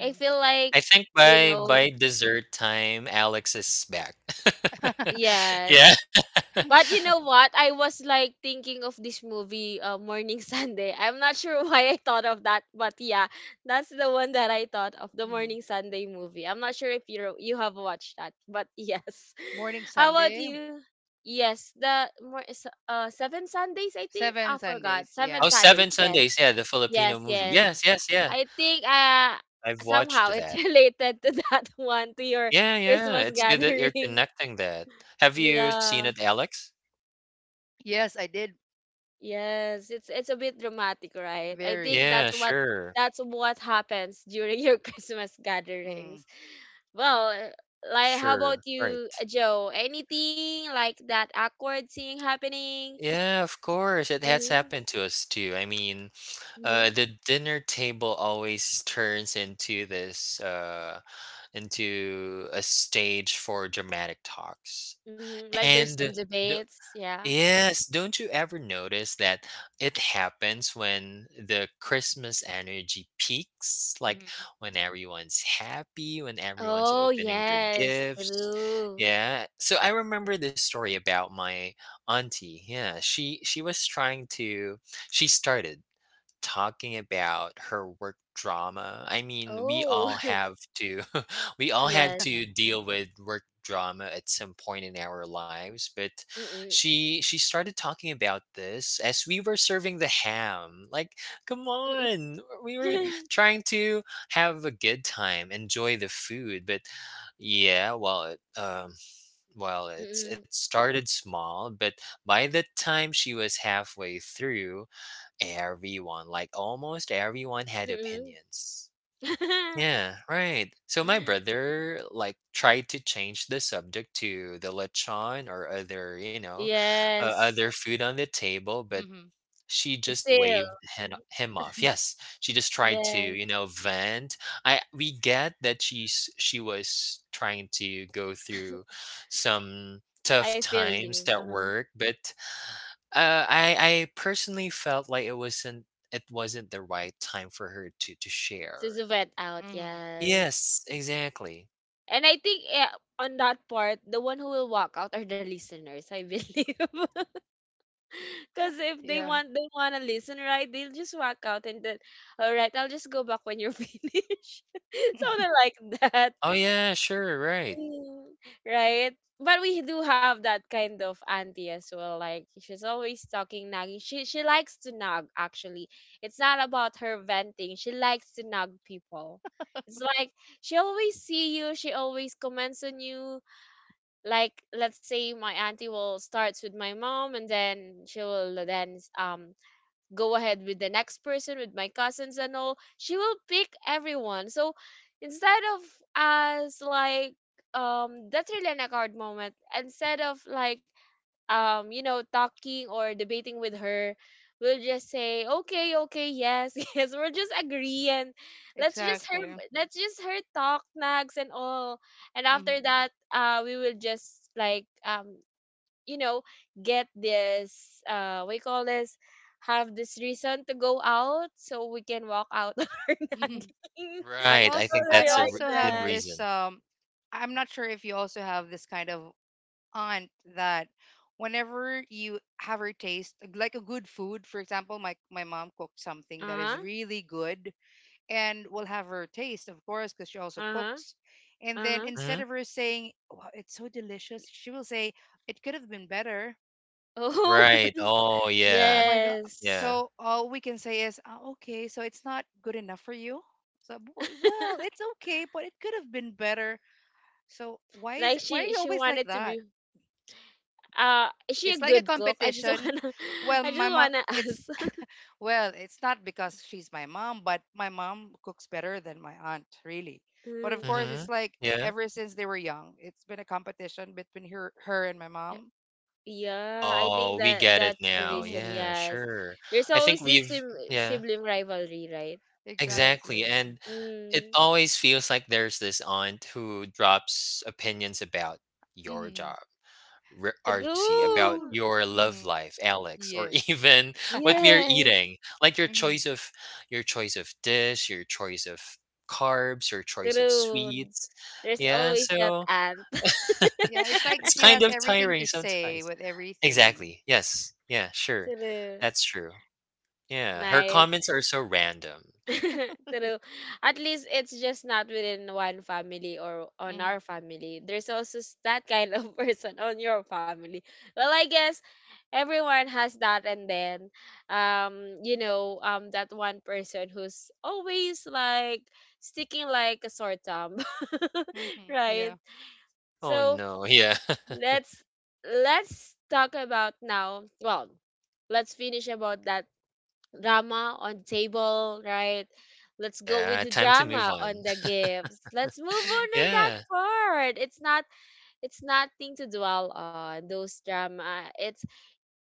S1: I feel
S2: I
S1: like,
S2: think
S1: you
S2: by
S1: know,
S2: by dessert time, Alex is back. *laughs*
S3: *laughs*
S1: yes.
S2: Yeah. *laughs*
S1: But you know what? I was like thinking of this movie, uh, Morning *laughs* Sunday. I'm not sure *laughs* why I thought of that, but yeah, that's the one that I thought of, the
S3: Mm-hmm.
S1: Morning Sunday movie. I'm not sure if you you have watched that, but yes.
S3: Morning
S1: *laughs* How about
S3: Sunday,
S1: you? Yes, the more uh seven Sundays I think.
S3: seven
S1: I forgot
S3: Sundays.
S2: Oh,
S1: seven
S3: Yeah.
S2: Seven
S1: Sundays. Yes,
S2: Sundays, yeah, the Filipino
S1: yes,
S2: movie.
S1: yes.
S3: Mm-hmm.
S2: Yes, yes, yeah.
S1: I think uh
S2: I've watched
S1: somehow it's
S2: that.
S1: *laughs* related to that one, to your
S2: Yeah, yeah,
S1: Christmas
S2: it's
S3: Mm-hmm.
S2: good that you're
S1: gathering. *laughs*
S2: connecting that. Have you seen
S1: Yeah.
S2: it, Alex?
S3: Yes, I did.
S1: Yes, it's it's a bit dramatic, right? I
S3: Very.
S1: think
S2: Yeah,
S1: that's what
S2: sure.
S1: that's what happens during your *laughs* Christmas
S3: Mm-hmm.
S1: gatherings. Well, eh, like how
S2: Sure.
S1: about you,
S2: Right.
S1: uh, Joe? Anything like that awkward thing happening?
S2: Yeah, of course. It has
S1: Mm-hmm.
S2: happened to us too. I mean, uh,
S1: Mm-hmm.
S2: the dinner table always turns into this, uh, into a stage for dramatic talks.
S1: Mm-hmm. Like there's some
S2: And do
S1: debates, yeah.
S2: yes, don't you ever notice that it happens when the Christmas energy peaks? Like
S3: Mm-hmm.
S2: when everyone's happy, when everyone's
S1: Oh
S2: opening their
S1: yes,
S2: gifts.
S1: true.
S2: Yeah. So I remember this story about my auntie. Yeah. She she was trying to she started talking about her work drama. I mean, we
S1: Oh
S2: all
S1: *laughs*
S2: have to *laughs* we all had
S1: yes.
S2: to deal with work drama at some point in our lives, but
S1: Mm-mm.
S2: she she started talking about this as we were serving the ham. Like, come
S1: Mm-mm.
S2: on. We were trying to have a good time, enjoy the food, but yeah, well, it, um, well, it's it
S1: *laughs*
S2: started small, but by the time she was halfway through, everyone, like almost everyone had
S1: Mm-mm. Mm-mm.
S2: opinions. Yeah, right. So my
S1: *laughs*
S2: brother like tried to change the subject to the lechon or other, you know, uh,
S1: Yes.
S2: other food on the table, but
S3: mm-hmm.
S2: she just
S1: Still.
S2: waved him, him off. Yes, she just tried to,
S1: Yes,
S2: you know, vent. I we get that she's she was trying to go through some
S1: I
S2: tough
S1: feel
S2: times
S1: you.
S2: at
S1: Uh-huh.
S2: work, but uh, I I personally felt like it wasn't it wasn't the right time for her to to
S1: So it's
S2: share.
S1: a vet out,
S3: Mm-hmm.
S1: yes.
S2: Yes, exactly.
S1: And I think eh, on that part, the one who will walk out are the listeners, I believe. *laughs* Because if
S3: *laughs*
S1: they
S3: Yeah.
S1: want, they want to listen, right, they'll just walk out and then, all right, I'll just go back when you're *laughs* finished. *laughs* Something
S3: *laughs*
S1: like that.
S2: Oh yeah, sure, right.
S1: Mm. Right? But we do have that kind of auntie as well. Like she's always talking nagging. She she likes to nag actually. It's not about her venting. She likes to nag people. It's like she always see you, she always comments on you. Like let's say my auntie will starts with my mom and then she will then um go ahead with the next person, with my cousins and all. She will pick everyone. So instead of us like um that's really an awkward moment. Instead of like um, you know, talking or debating with her, we'll just say, okay, okay, yes, *laughs* yes, we'll just agree and let's just her,
S3: Exactly.
S1: let's just her talk nags and all. And
S3: Mm-hmm.
S1: after that, uh we will just like um you know, get this uh we call this, have this reason to go out so we can walk out *laughs* our
S3: Mm-hmm.
S1: nagging.
S3: I
S2: Right. I
S1: *laughs*
S3: also
S2: think
S3: I
S1: Something
S2: that's a
S1: like
S2: re-
S3: also
S2: good
S3: have
S1: that.
S3: this.
S2: reason.
S3: Um, I'm not sure if you also have this kind of aunt that whenever you have her taste like a good food, for example, my my mom cooked something that is
S1: Uh-huh.
S3: really good, and we'll have her taste, of course, because she also
S1: Uh-huh.
S3: cooks. And then
S1: Uh-huh.
S3: instead
S2: Hmm
S3: of her saying, "Wow, it's so delicious," she will say, "It could have been better."
S1: Oh
S2: Right. Oh
S1: *laughs*
S3: Oh
S2: yeah.
S3: my God!
S1: yes.
S2: Yeah.
S3: So all we can say is, "Ah, okay, so it's not good enough for you." So, "W- well,
S1: *laughs*
S3: it's okay, but it could have been better. So why is
S1: Like
S3: it? Why are
S1: she
S3: you
S1: she
S3: always like
S1: wanted to
S3: that?
S1: be uh is she a
S3: It's like a
S1: good cook? I just
S3: competition.
S1: wanna *laughs*
S3: Well,
S1: I
S3: my
S1: just
S3: mom,
S1: wanna
S3: it's
S1: ask. *laughs*
S3: well, it's not because she's my mom, but my mom cooks better than my aunt, really. But of
S1: Mm,
S3: course, it's
S2: hmm
S3: like e-
S2: Yeah.
S3: ever since they were young, it's been a competition between her, her and my
S1: y-
S3: mom.
S1: yeah, I think
S2: Oh, we
S1: that
S2: get it
S1: that's the
S2: now.
S1: reason,
S3: Hmm.
S2: Yeah,
S1: yes.
S2: sure.
S1: There's
S2: I think
S1: always this
S2: we've
S1: sim-
S2: yeah,
S1: sibling rivalry, right?
S2: exactly.
S3: Exactly.
S2: And it
S1: Mm,
S2: always feels like there's this aunt who drops opinions about your
S3: Hmm.
S2: job. R- RC about
S1: true.
S3: Ooh.
S2: your love
S3: Hmm.
S2: life, Alex, or *laughs*
S3: Yes.
S2: even what
S3: *laughs*
S2: we are
S1: Yes,
S2: eating, like your
S3: Hmm.
S2: choice of your choice of dish, your choice of carbs, your choice of
S1: true.
S2: sweets.
S1: There's
S3: It's,
S2: Yeah,
S1: always that
S2: so
S1: aunt. *laughs*
S2: *laughs*
S3: yeah, it's like
S2: it's
S3: she
S2: kind
S3: has
S2: of
S3: everything to
S2: tiring
S3: say
S2: sometimes.
S3: with everything.
S2: Exactly. Yes. Yeah, sure.
S1: True.
S2: That's true. Yeah, her
S1: Nice.
S2: comments are so random.
S1: *laughs* True. At least it's just not within one family or on our
S3: Hmm.
S1: family. There's also s- that kind of *laughs* person on your family. Well, I guess everyone has that and then um you know, um that one person who's always like sticking like a sore thumb. *laughs*
S3: Hmm.
S1: Right?
S3: Yeah.
S2: Oh
S1: So
S2: no. Yeah. *laughs*
S1: let's let's talk about now. Well, let's finish about that drama on table, right? Let's go with
S2: Yeah,
S1: the
S2: time to move
S1: drama on
S2: on.
S1: the
S2: *laughs*
S1: gifts. Let's move
S3: Hmm.
S1: on on that
S2: Yeah.
S1: part. It's not, it's nothing to dwell on those drama. It's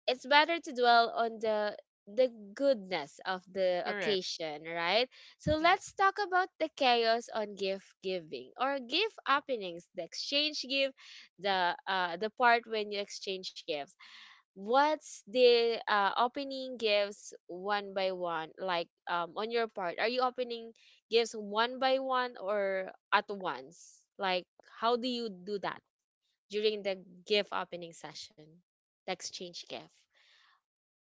S1: it's better to dwell on the the goodness of the
S3: Correct.
S1: occasion, right? So
S3: Hmm.
S1: let's talk about the chaos on gift giving or gift openings, the exchange gift, the uh, the part when you exchange gifts. What's the uh, opening gifts one by one, like um on your part? Are you opening gifts one by one or at once? Like how do you do that during the gift opening session, the exchange gift?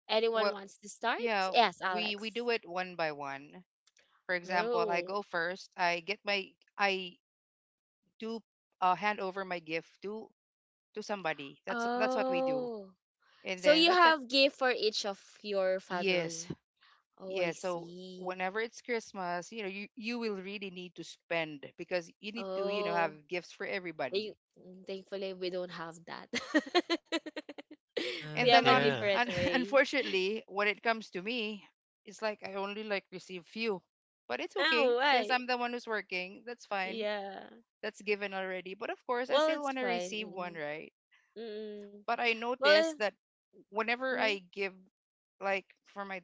S1: Anyone
S3: Well,
S1: wants to start?
S3: yeah,
S1: Yes,
S3: we we
S1: Alex.
S3: do it one by one. For example, I
S1: Oh.
S3: go first. I get my I do uh, hand over my gift to to somebody. That's that's what we do.
S1: Oh.
S3: And
S1: So
S3: then
S1: you
S3: that's it.
S1: have gift for each of your
S3: Yes.
S1: family. Oh,
S3: Yeah,
S1: I
S3: so
S1: see.
S3: whenever it's Christmas, you know, you you will really need to spend because you need to, you know,
S1: Oh.
S3: have gifts for everybody.
S1: Thank- mm, thankfully we don't have that. *laughs* We
S3: And
S2: Mm,
S1: have
S3: then
S1: a
S3: on,
S2: yeah.
S1: different
S3: un *laughs*
S1: way.
S3: unfortunately, when it comes to me, it's like I only like receive few. But it's
S1: Oh,
S3: okay since
S1: why?
S3: I'm the one who's working. That's fine.
S1: Yeah.
S3: That's given already. But of course, I
S1: Well,
S3: still
S1: it's
S3: want to
S1: fine.
S3: receive one,
S1: Mm-mm.
S3: right?
S1: Mm-mm.
S3: But I
S1: Well, eh,
S3: noticed that whenever
S1: mm,
S3: I give, like for my,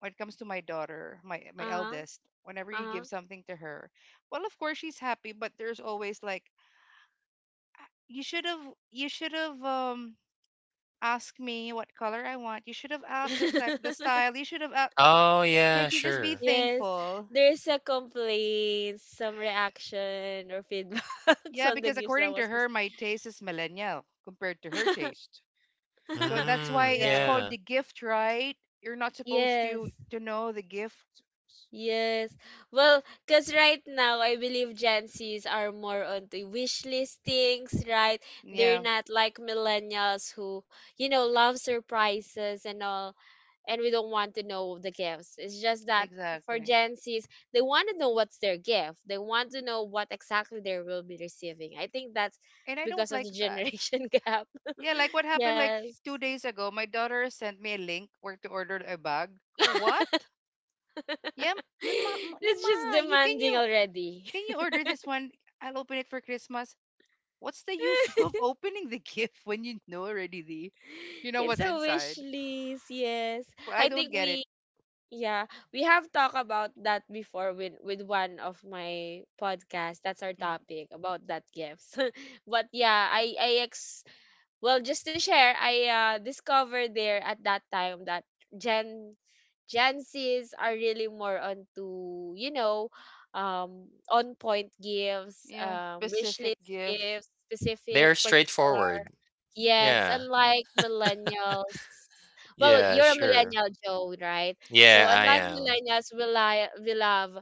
S3: when it comes to my daughter, my my
S1: uh-huh.
S3: eldest, whenever you give something to her, well, of course she's happy. But there's always like, "Ah, you should have, you should have um asked me what color I want. You should have asked the type, the
S1: Uh-huh. *laughs*
S3: style. You should have asked.
S2: Oh yeah,
S3: Can't you just be
S2: sure.
S1: Yes,
S3: thankful?
S1: there's a complaint, some reaction or feedbacks *laughs*
S3: Yeah,
S1: on the
S3: because
S1: gifts that
S3: according to
S1: was
S3: her, my taste is millennial compared to her
S1: pres-. *laughs*
S3: taste. 'Cause That's
S2: Mm,
S3: why it's
S1: Right.
S2: yeah.
S3: called the gift, right? You're not supposed
S1: Yes.
S3: to to know the gifts.
S1: Yes. Well, because right now, I believe Gen Zs are more onto wish listings, right? They're
S3: Yeah,
S1: not like millennials who, you know, love surprises and all. And we don't want to know the gifts. It's just that for
S3: exactly.
S1: Gen Zs, they want to know what's their gift. They want to know what exactly they will be receiving. I think that's
S3: And I don't
S1: because of
S3: like
S1: the
S3: that.
S1: generation *laughs* gap.
S3: Yeah, like what
S1: *laughs*
S3: happened like f-
S1: Yes.
S3: two days ago. My daughter sent me a link where to order a bag. Go
S1: *laughs*
S3: what? Yeah, m- yeah, ma, m- yeah,
S1: It's just
S3: ma. You can
S1: demanding
S3: you
S1: already.
S3: can you order this one? I'll open it for Christmas. What's the use *laughs* of
S1: *laughs*
S3: opening the gift when you know already the, you know
S1: It's
S3: what's
S1: a wish
S3: inside?
S1: list, yes.
S3: Well, I
S1: I think
S3: don't get it.
S1: we Yeah, we have talked about that before with with one of my podcasts. That's our
S3: Mm.
S1: topic about that gifts. *laughs* But yeah, I I ex well just to share, I uh discovered there at that time that Gen Gen Zs are really more onto, you know, um on point gifts,
S3: Yeah,
S1: um wish
S3: specific
S1: list
S3: gifts.
S1: gifts, specific
S2: They're
S1: particular.
S2: straightforward.
S1: Yes,
S3: Mm-hmm.
S2: Yeah.
S1: unlike millennials. Well,
S2: Yeah,
S1: you're a
S2: sure.
S1: millennial, Joe, right? So
S2: Yeah, I
S1: unlike
S2: am.
S1: millennials, we li we love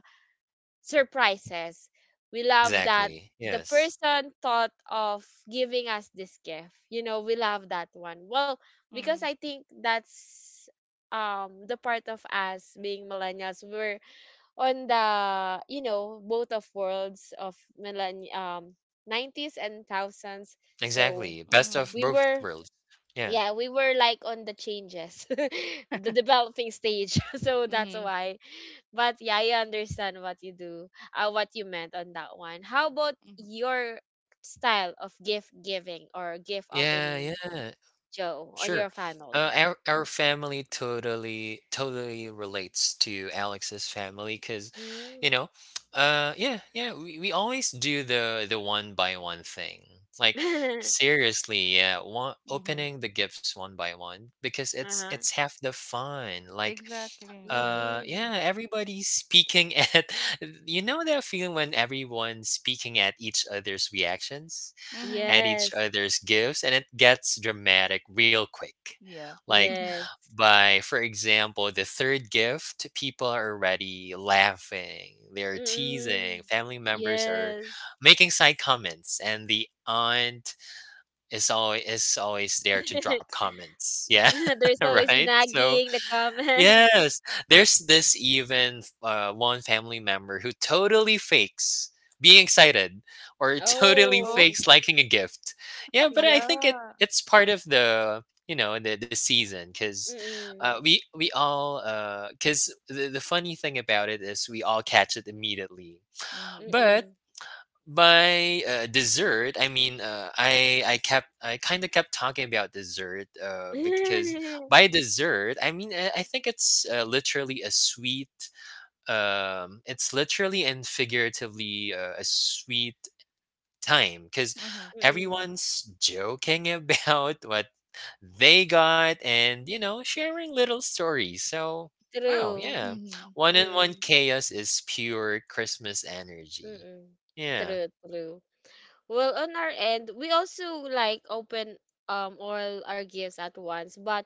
S1: surprises. We love that
S2: Exactly.
S1: the
S2: Yes.
S1: person thought of giving us this gift. You know, we love that one. Well, because
S3: Mm-hmm.
S1: I think that's um the part of us being millennials. We're on the, you know, both of worlds of millenn um nineties and thousands. So
S2: Exactly. Best
S3: mm-hmm.
S2: of
S1: we
S2: both
S1: were
S2: worlds. Yeah.
S1: yeah, we were like on the changes, *laughs* the developing stage. *laughs* So that's
S3: Mhm.
S1: why. But yeah, I understand what you do, uh, what you meant on that one. How about
S3: Mhm.
S1: your style of gift giving or gift
S2: Yeah,
S1: opening,
S2: yeah.
S1: Joe, on your
S2: Sure. Uh,
S1: family?
S2: our our family totally totally relates to Alex's family because,
S1: Mm.
S2: you know, uh, yeah, yeah, we, we always do the the one by one thing. Like
S1: *laughs*
S2: seriously, yeah, one
S3: Mhm.
S2: opening the gifts one by one because it's
S1: Uh-huh.
S2: it's half the fun. Like,
S3: Exactly. Mhm.
S2: uh,
S1: Mm.
S2: yeah, everybody's speaking *laughs* at you know that feeling when everyone's speaking at each other's reactions
S3: Mhm.
S2: at each
S1: Yes.
S2: other's gifts and it gets dramatic real quick.
S3: Yeah.
S2: Like
S3: *laughs*
S1: Yes.
S2: by for example, the third gift, people are already laughing, they're
S1: Mm-mm.
S2: teasing, family members are
S1: Yes.
S2: making side comments and the aunt is always is always there to drop
S1: *laughs*
S2: comments. Yeah, *laughs*
S1: There's always
S3: Mhm.
S1: the
S2: right? So
S1: nagging, the comments.
S2: yes, there's this even uh, one family member who totally fakes being excited or *laughs*
S1: *laughs*
S2: totally
S3: Oh.
S1: Oh,
S2: fakes liking a gift. Yeah, but I think it
S1: yeah.
S2: it's part of the you know the the season because uh,
S1: Mm,
S2: we we all because the the funny thing about it is we all catch it immediately.
S3: Mhm.
S2: But
S1: mm.
S2: by uh, dessert, I mean uh, I I kept I kind of kept talking about dessert uh, because
S1: Mm,
S2: by dessert I mean I, I think it's uh, literally a sweet um it's literally and figuratively uh, a sweet time because
S3: Mhm.
S2: everyone's joking *laughs* about what they got and you know sharing little stories. So
S1: *laughs*
S2: wow,
S1: true.
S2: yeah,
S3: Mhm.
S2: one in one
S1: Mm,
S2: chaos is pure Christmas energy.
S1: mm.
S2: Yeah.
S1: True, true. Well, on our end, we also like open um all our gifts at once, but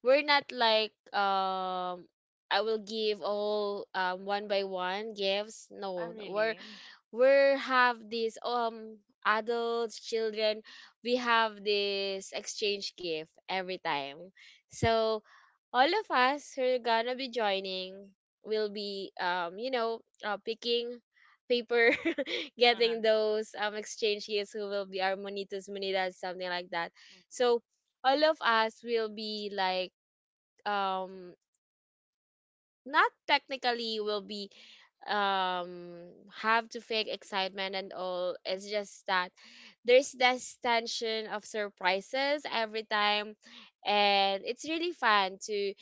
S1: we're not like um I will give all um one by one gifts.
S3: Oh,
S1: No, no, we're
S3: really?
S1: we have these um adults, children. We have this exchange gift every time. So all of us who are gonna be joining will be um you know uh, picking paper *laughs*
S3: Uh-huh.
S1: getting those um exchange gifts who will be our monitas monitas, something like that. So all of us will be like, um not technically will be, um have to fake excitement and all. It's just that there's this tension of surprises every time, and it's really fun to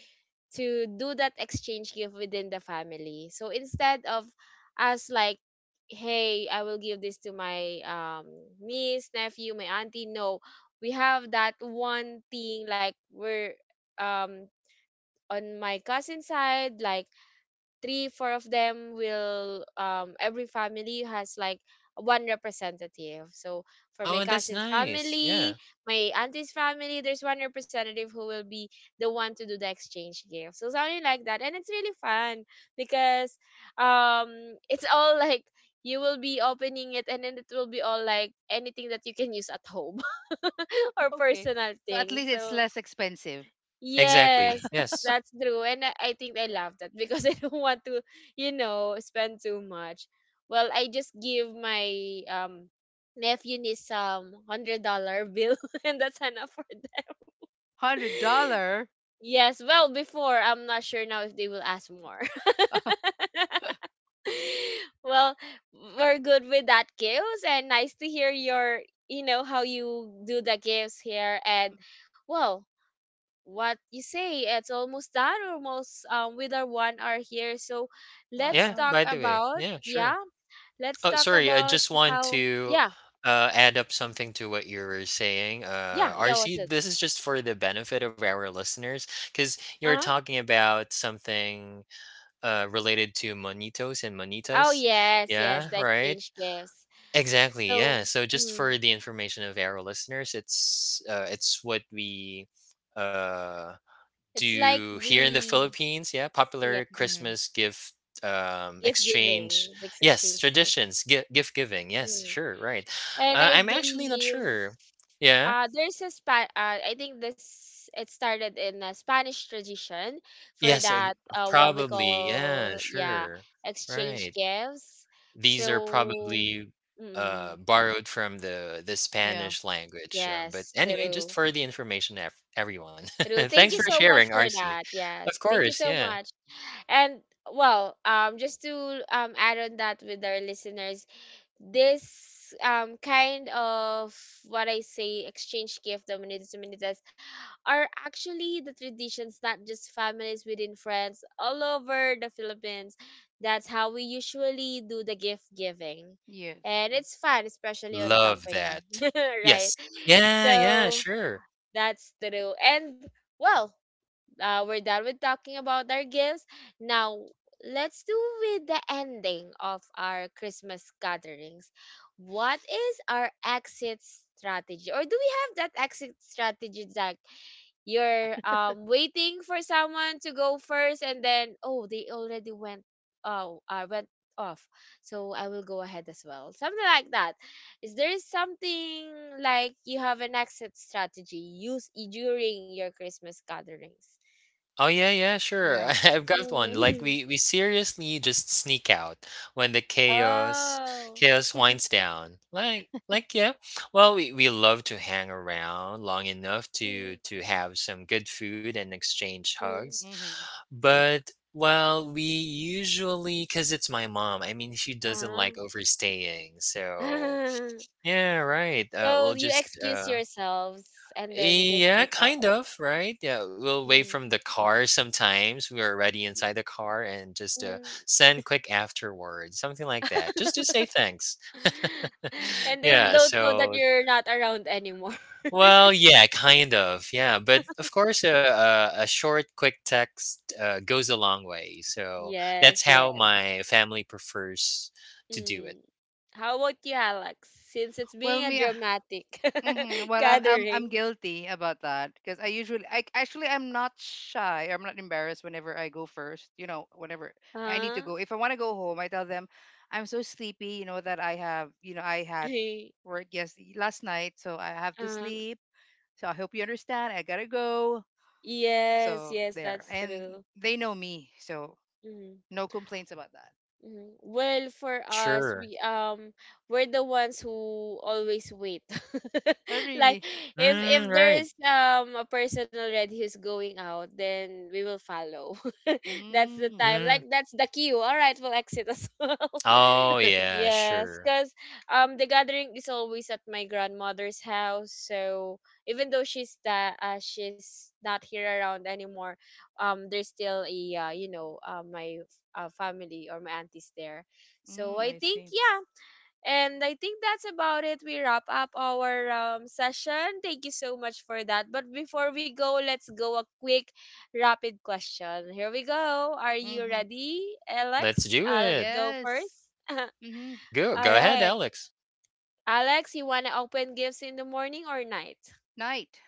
S1: to do that exchange gift within the family. So instead of us like, hey, I will give this to my um, niece, nephew, my auntie. No, we have that one thing like we're um on my cousin side, like three four of them will, um every family has like one representative. So for my
S2: Oh, that's
S1: cousin's
S2: nice.
S1: family,
S2: Yeah.
S1: my auntie's family, there's one representative who will be the one to do the exchange gift, so something like that. And it's really fun because um it's all *laughs* like you will be opening it and then it will be all like anything that you can use at home *laughs*
S3: *laughs*
S1: or
S3: Okay.
S1: personal
S3: So at
S1: things.
S3: least it's
S1: So
S3: less expensive.
S2: Exactly.
S1: yes,
S2: Yes.
S1: that's true. And I, I think I love that because *laughs* I don't want to, you know, spend too much. Well, I just give my um nephew niece some hundred dollar bill *laughs* and that's enough for them.
S3: Hundred
S1: *laughs*
S3: dollar.
S1: Yes, well before, I'm not sure now if they will ask more.
S3: *laughs*
S1: *laughs* Well, we're good with that gifts and nice to hear your, you know, how you do the gifts here. And well, what you say, it's almost done, almost, um, with our one hour here. So let's
S2: Yeah,
S3: Wow.
S1: talk
S2: by the way.
S1: about
S2: Yeah, sure.
S1: yeah. Let's
S2: Oh,
S1: talk
S2: sorry. I
S1: about
S2: just want
S1: how
S2: to
S1: yeah
S2: uh, add up something to what you were saying. Uh,
S1: yeah yeah.
S2: R C,
S1: What's it?
S2: this is just for the benefit of our listeners because you
S1: Uh
S2: were
S1: huh.
S2: talking about something uh, related to monitos and
S1: Oh
S2: monitas.
S1: yes, yes,
S2: Yeah,
S3: Mhm.
S1: the
S2: right.
S1: exchange gifts.
S2: Exactly. Yeah.
S1: So
S2: So just for
S1: mm,
S2: the information of our listeners, it's uh, it's what we uh
S1: it's like
S2: do here in the
S1: the
S2: Philippines, yeah,
S1: yeah
S2: popular
S3: Mhm.
S2: Christmas gift um
S1: gift
S2: exchange,
S1: giving, the
S2: yes,
S1: exchange gift.
S2: traditions, gift gift giving, yes,
S1: Mm.
S2: sure, right,
S1: And
S2: uh,
S1: I
S2: I'm actually not
S1: believe,
S2: sure yeah
S1: Uh, there's a spa- uh, I think this it started in a Spanish tradition for
S2: yes ex-
S1: that, uh, what we
S2: probably yeah
S1: call, yeah,
S2: sure
S1: exchange
S2: right
S1: gifts. So
S2: these are probably
S1: mm,
S2: uh borrowed from the the
S3: Yeah.
S2: Spanish language, um, but
S1: yes,
S2: anyway
S1: true,
S2: just for the information ev- everyone *laughs*
S1: true. Thank you
S2: thanks for
S1: so
S3: Mhm.
S1: much
S2: sharing
S1: for
S2: RC,
S1: that. Yes,
S2: of
S1: thank you
S2: course,
S1: so
S2: yeah.
S1: much. And well, um, just to um add on that with our listeners, this um kind of what I say exchange gift, the are actually the traditions, not just families within friends all over the Philippines. That's how we usually do the gift giving.
S3: Yes.
S1: And
S3: Mm.
S1: it's fun, especially on
S2: Love
S1: company,
S2: that.
S1: *laughs* right?
S2: Yes. Yeah, yeah,
S1: So
S2: sure.
S1: that's true. And well, uh, we're done with talking about our gifts. Now let's do with the ending of our Christmas gatherings. What is our exit strategy? Or do we have that exit strategy, Zach? You're um waiting for someone to go first and then, oh, they already went, oh, uh, went off, so I will go ahead as well, something like that. Is there something like you have an exit strategy use, i- during your Christmas gatherings?
S2: Oh yeah, yeah, sure.
S3: Yeah.
S2: *laughs* I've got one. Like
S1: Mm.
S2: we we seriously just sneak out when the
S1: *laughs*
S2: chaos
S1: Oh.
S2: chaos
S1: *laughs*
S2: winds down. Like like yeah. Well, we we love to hang around long enough to
S1: Mm,
S2: to have some good food and exchange
S1: mm.
S2: hugs.
S3: Mhm.
S2: But well, we usually cuz it's my mom. I mean, she doesn't
S1: Ah.
S2: like overstaying. So,
S1: *laughs*
S2: yeah, right. Uh, we'll
S1: So you
S2: just
S1: excuse
S2: uh
S1: yourselves and then just
S2: yeah,
S1: sneak out.
S2: kind of, right? Yeah, we'll wait
S1: Mm,
S2: from the car sometimes. We are already inside the car and just uh,
S1: mm.
S2: send quick afterwards, something like that, just to say
S1: *laughs*
S2: thanks.
S1: *laughs*
S3: Mhm.
S2: *laughs*
S1: And they
S2: yeah,
S1: don't know that
S2: so,
S1: you're not around anymore. *laughs*
S2: well, yeah, kind of. Yeah, but of course, a, a, a short, quick text uh, goes a long way. So that's
S1: Yes,
S2: how
S1: yes.
S2: my family prefers to do it.
S1: Mm. How about you, Alex? Since it's
S3: Well,
S1: being a
S3: me. *laughs*
S1: dramatic
S3: Mm-hmm.
S1: *laughs*
S3: Well, I'm, I'm I'm
S1: gathering.
S3: guilty about that because I usually I actually I'm not shy. I'm not embarrassed whenever I go first. You know, whenever I need to
S1: Huh? *laughs*
S3: go. If I want to go home, I tell them I'm so sleepy. You know that I have you know I had
S1: Eh.
S3: work, yes, last night, so I have to
S1: Uh,
S3: sleep. So I hope you understand. I gotta go.
S1: yes,
S3: So
S1: yes,
S3: there,
S1: that's
S3: and
S1: true.
S3: they know me, so
S1: Mm.
S3: no complaints about that.
S1: Mhm. Well, for us,
S2: Sure.
S1: we um we're the ones who always wait. *laughs*
S3: Oh,
S1: Like
S3: really?
S1: if
S2: Mm,
S1: if
S2: right.
S1: there's um a person already who's going out, then we will follow. *laughs* That's the
S3: Mm.
S1: time. Like
S2: Mm.
S1: that's the cue. All right, we'll exit as *laughs* well.
S2: Oh,
S3: *laughs*
S2: yeah,
S1: Yes,
S2: sure.
S1: because um the gathering is always at my grandmother's house. So even though she's that uh, she's not here around anymore, um there's still a, uh, you know, uh, my uh, family or my aunties there. So
S3: Mm, I
S1: I think
S3: see.
S1: yeah, and I think that's about it. We wrap up our, um, session. Thank you so much for that. But before we go, let's go a quick rapid question. Here we go. Are you
S3: Mm-hmm.
S1: ready,
S2: Let's
S1: Alex?
S2: do
S1: Uh, let's
S2: it.
S1: go
S3: Yes.
S1: first. *laughs*
S3: Mm-hmm.
S2: Go
S1: All
S2: go ahead,
S1: right.
S2: Alex.
S1: Alex, you want to open gifts in the morning or night?
S3: Night.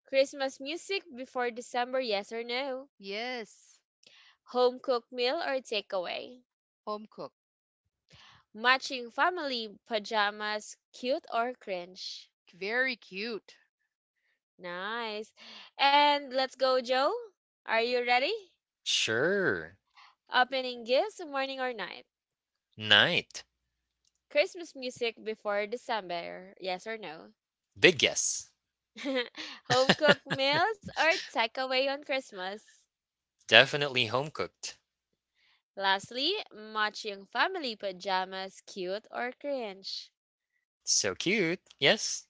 S1: Christmas music before December, yes or no?
S3: Yes,
S1: Home cooked meal or takeaway?
S3: home cook.
S1: Matching family pajamas, cute or cringe?
S3: Very cute.
S1: Nice. And let's go, Joe. Are you ready?
S2: Sure.
S1: Opening gifts, morning or night?
S2: Night.
S1: Christmas music before December, yes or no?
S2: Big guess.
S1: *laughs* Home cooked meals or takeaway on Christmas?
S2: Definitely home cooked.
S1: Lastly, matching family pajamas, cute or cringe?
S2: So cute. Yes.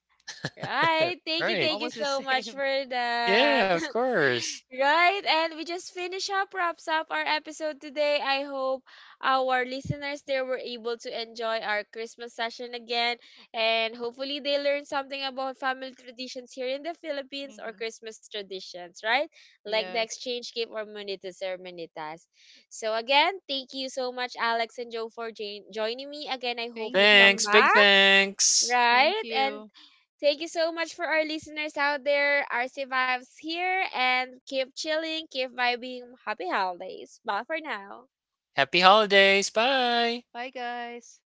S2: *laughs*
S1: Right. Thank you.
S2: Right.
S1: Thank you
S3: Almost the
S1: so much
S3: same.
S1: for that.
S2: Yeah, of course.
S1: *laughs* Right. And we just finish up, wraps up our episode today. I hope our listeners there were able to enjoy our Christmas session again. And hopefully they learned something about family traditions here in the
S3: *laughs*
S1: Philippines or
S3: Hmm.
S1: Christmas traditions, right? Like the
S3: Yes.
S1: exchange gift or munitas or munitas. So again, thank you so much, Alex and Joe, for join- joining me. Again, I hope you
S3: Thank
S1: come
S2: Thanks.
S3: you.
S2: Big
S1: back,
S2: thanks.
S3: Thank
S1: right? And
S3: you.
S1: thank you so much for our listeners out there. R C Vibes here, and keep chilling, keep vibing. Happy holidays. Bye for now.
S2: Happy holidays. Bye.
S3: Bye, guys.